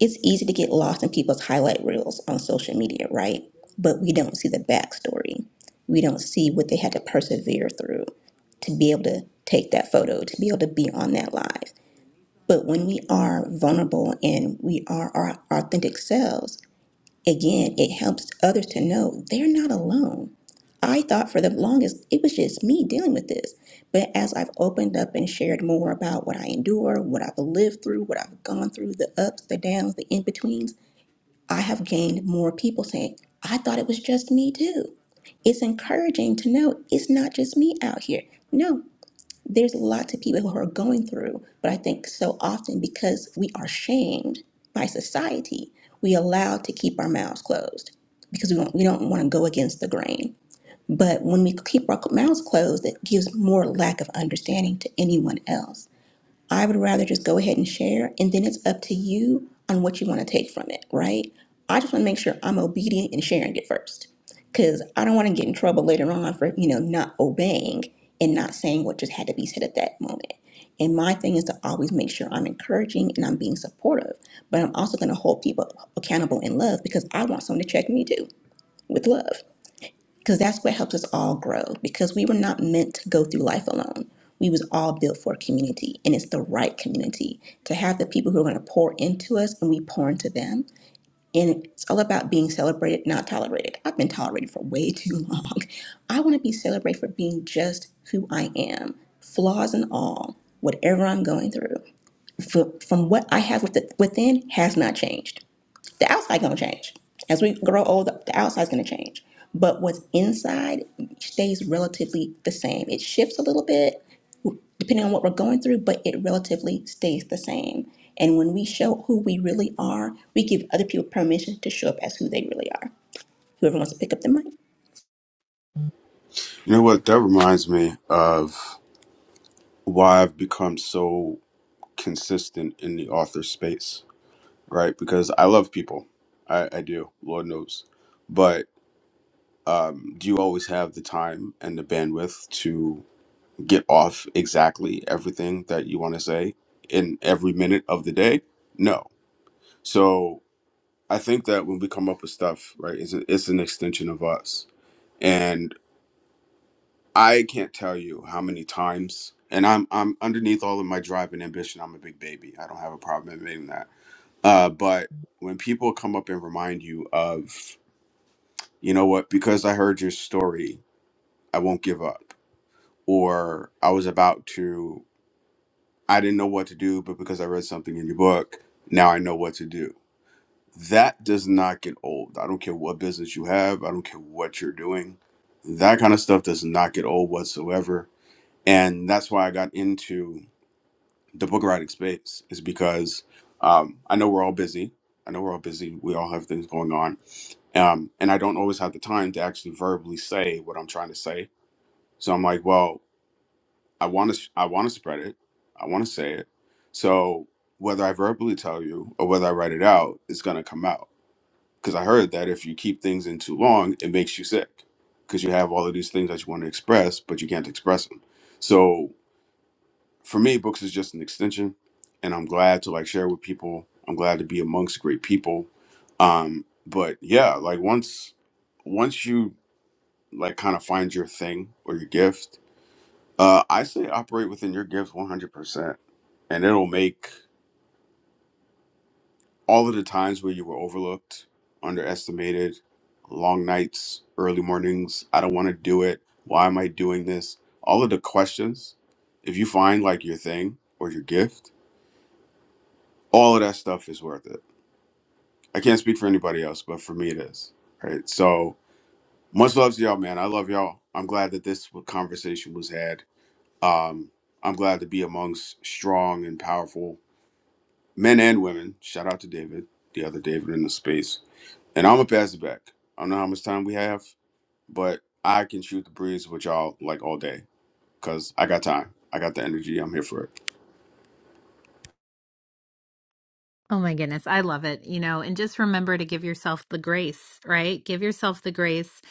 it's easy to get lost in people's highlight reels on social media, right? But we don't see the backstory. We don't see what they had to persevere through to be able to take that photo, to be able to be on that live. But when we are vulnerable and we are our authentic selves, Again, it helps others to know they're not alone. I thought for the longest it was just me dealing with this. But as I've opened up and shared more about what I endure, what I've lived through, what I've gone through, the ups, the downs, the in betweens, I have gained more people saying, I thought it was just me too. It's encouraging to know it's not just me out here. No, there's lots of people who are going through, but I think so often because we are shamed by society, we allow to keep our mouths closed because we don't, we don't want to go against the grain. But when we keep our mouths closed, it gives more lack of understanding to anyone else. I would rather just go ahead and share, and then it's up to you on what you want to take from it, right? I just want to make sure I'm obedient in sharing it first, because I don't want to get in trouble later on for you know not obeying and not saying what just had to be said at that moment. And my thing is to always make sure I'm encouraging and I'm being supportive, but I'm also going to hold people accountable in love because I want someone to check me too with love because that's what helps us all grow because we were not meant to go through life alone we was all built for a community and it's the right community to have the people who are going to pour into us and we pour into them and it's all about being celebrated not tolerated i've been tolerated for way too long i want to be celebrated for being just who i am flaws and all whatever i'm going through Fr- from what i have with- within has not changed the outside gonna change as we grow older the outside's gonna change but what's inside stays relatively the same it shifts a little bit depending on what we're going through but it relatively stays the same and when we show who we really are we give other people permission to show up as who they really are whoever wants to pick up the mic You know what? That reminds me of why I've become so consistent in the author space right? Because I love people. I, I do, Lord knows. But um, do you always have the time and the bandwidth to get off exactly everything that you want to say in every minute of the day? No. So I think that when we come up with stuff, right, it's, a, it's an extension of us. And I can't tell you how many times, and I'm, I'm underneath all of my drive and ambition, I'm a big baby. I don't have a problem admitting that. Uh, but when people come up and remind you of you know what, because I heard your story, I won't give up. Or I was about to, I didn't know what to do, but because I read something in your book, now I know what to do. That does not get old. I don't care what business you have, I don't care what you're doing. That kind of stuff does not get old whatsoever. And that's why I got into the book writing space, is because um, I know we're all busy. I know we're all busy. We all have things going on. Um, and I don't always have the time to actually verbally say what I'm trying to say So I'm like, well, I want to, I want to spread it, I want to say it. So whether I verbally tell you or whether I write it out, it's gonna come out because I heard that if you keep things in too long, it makes you sick because you have all of these things that you want to express, but you can't express them. So for me, books is just an extension, and I'm glad to like share with people. I'm glad to be amongst great people. Um, but yeah, like once, once you like kind of find your thing or your gift Uh, I say operate within your gifts 100%, and it'll make all of the times where you were overlooked, underestimated, long nights, early mornings, I don't want to do it, why am I doing this? All of the questions, if you find like your thing or your gift, all of that stuff is worth it. I can't speak for anybody else, but for me it is. Right. So much love to y'all, man. I love y'all. I'm glad that this conversation was had. Um, I'm glad to be amongst strong and powerful men and women. Shout out to David, the other David in the space. And I'm gonna pass it back. I don't know how much time we have, but I can shoot the breeze with y'all like all day because I got time. I got the energy. I'm here for it. Oh my goodness, I love it. You know, and just remember to give yourself the grace, right? Give yourself the grace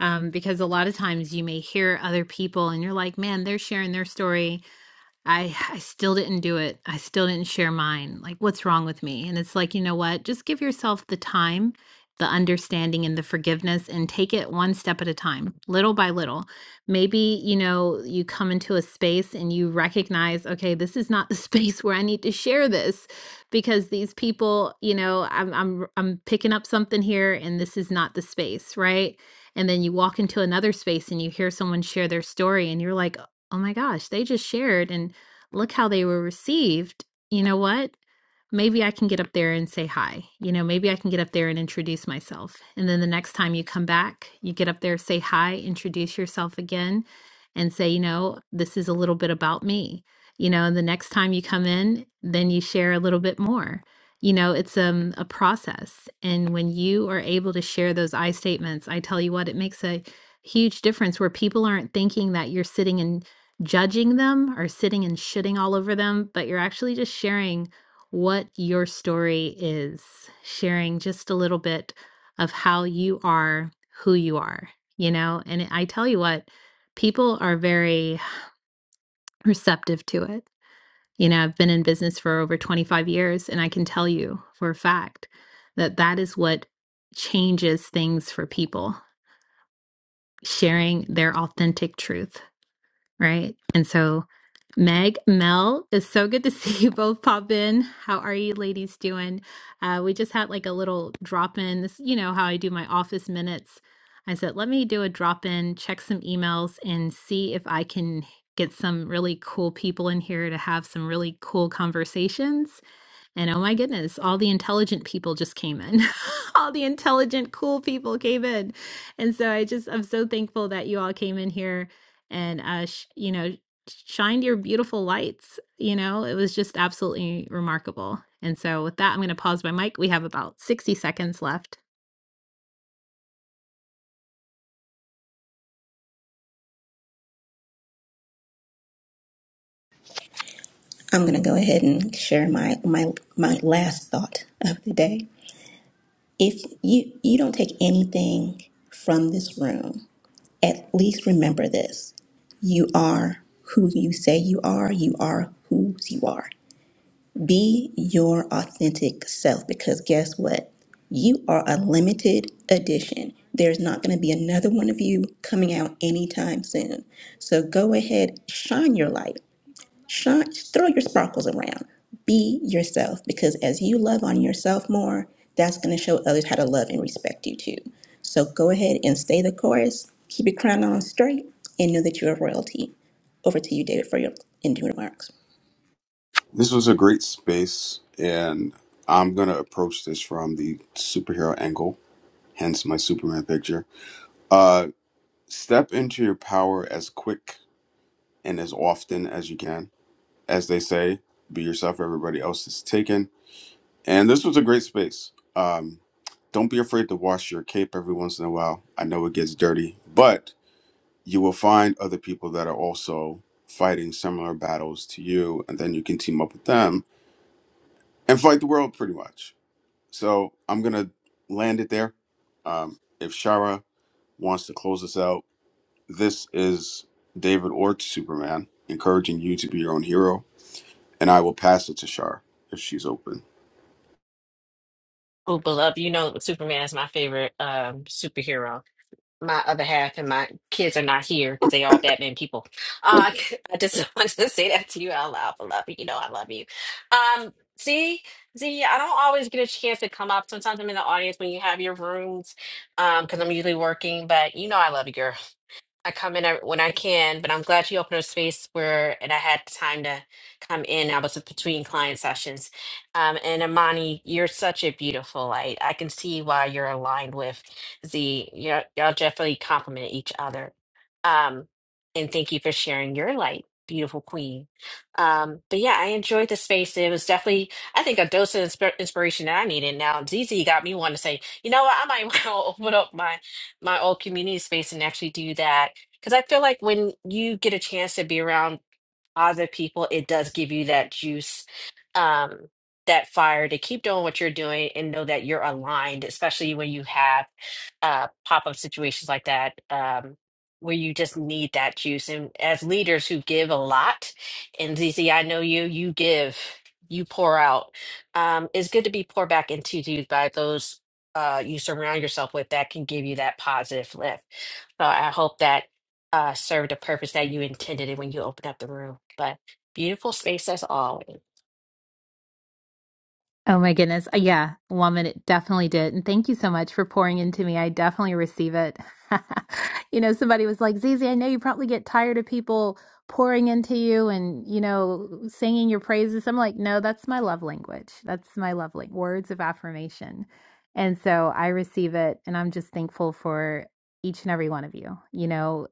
um, because a lot of times you may hear other people and you're like, man, they're sharing their story. I I still didn't do it. I still didn't share mine. Like what's wrong with me? And it's like, you know what? Just give yourself the time, the understanding and the forgiveness and take it one step at a time, little by little. Maybe, you know, you come into a space and you recognize, okay, this is not the space where I need to share this because these people, you know, I'm I'm I'm picking up something here and this is not the space, right? And then you walk into another space and you hear someone share their story and you're like, "Oh my gosh, they just shared and look how they were received. You know what? Maybe I can get up there and say hi. You know, maybe I can get up there and introduce myself. And then the next time you come back, you get up there, say hi, introduce yourself again, and say, you know, this is a little bit about me. You know, and the next time you come in, then you share a little bit more. You know, it's um, a process. And when you are able to share those I statements, I tell you what, it makes a huge difference where people aren't thinking that you're sitting and judging them or sitting and shitting all over them, but you're actually just sharing what your story is, sharing just a little bit of how you are who you are, you know? And I tell you what, people are very receptive to it. You know, I've been in business for over 25 years, and I can tell you for a fact that that is what changes things for people sharing their authentic truth Right. And so, Meg, Mel, it's so good to see you both pop in. How are you ladies doing? Uh, we just had like a little drop in. This, you know, how I do my office minutes. I said, let me do a drop in, check some emails, and see if I can get some really cool people in here to have some really cool conversations. And oh my goodness, all the intelligent people just came in. all the intelligent, cool people came in. And so I just, I'm so thankful that you all came in here and, uh, sh- you know, shined your beautiful lights. You know, it was just absolutely remarkable. And so with that, I'm going to pause my mic. We have about 60 seconds left. i'm gonna go ahead and share my my my last thought of the day if you you don't take anything from this room at least remember this You are who you say you are. You are who you are. Be your authentic self because guess what? You are a limited edition. There's not going to be another one of you coming out anytime soon. So go ahead, shine your light. Shine, throw your sparkles around. Be yourself because as you love on yourself more, that's going to show others how to love and respect you too. So go ahead and stay the course, keep your crown on straight, and know that you are royalty. Over to you, David, for your ending remarks. This was a great space, and I'm gonna approach this from the superhero angle, hence my Superman picture. Uh, step into your power as quick and as often as you can. As they say, be yourself. Everybody else is taken And this was a great space. Um, don't be afraid to wash your cape every once in a while. I know it gets dirty, but you will find other people that are also fighting similar battles to you, and then you can team up with them and fight the world pretty much. So I'm going to land it there. Um, if Shara wants to close us out, this is David Ort, Superman, encouraging you to be your own hero, and I will pass it to Shara if she's open. Oh, beloved, you know Superman is my favorite um superhero. my other half and my kids are not here because they all Batman people. Uh, I just wanted to say that to you out loud. I love you. You know I love you. Um, see, see, I don't always get a chance to come up. Sometimes I'm in the audience when you have your rooms, um, because I'm usually working. But you know I love you, girl. I come in every- when I can, but I'm glad you opened a space where and I had time to come in. I was between client sessions. Um, and Amani, you're such a beautiful light. I can see why you're aligned with Z. Y'all y'all definitely complement each other. Um, and thank you for sharing your light, beautiful queen. Um, but yeah, I enjoyed the space. It was definitely, I think, a dose of insp inspiration that I needed. Now, ZZ got me wanting to say, you know what, I might want to open up my my old community space and actually do that because I feel like when you get a chance to be around other people, it does give you that juice, um, that fire to keep doing what you're doing and know that you're aligned, especially when you have uh, pop-up situations like that, um, where you just need that juice. And as leaders who give a lot, and ZZ, I know you, you give, you pour out. Um, it's good to be poured back into you by those uh, you surround yourself with that can give you that positive lift. So I hope that uh, serve the purpose that you intended it when you opened up the room. But beautiful space as always. Oh my goodness. Uh, Yeah, woman, it definitely did. And thank you so much for pouring into me. I definitely receive it. you know, somebody was like, Zizi, I know you probably get tired of people pouring into you and, you know, singing your praises. I'm like, no, that's my love language. That's my love language, words of affirmation. And so I receive it. And I'm just thankful for each and every one of you. You know,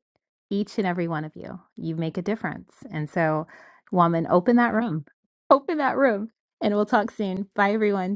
each and every one of you, you make a difference. And so, woman, open that room. Open that room and we'll talk soon. Bye, everyone.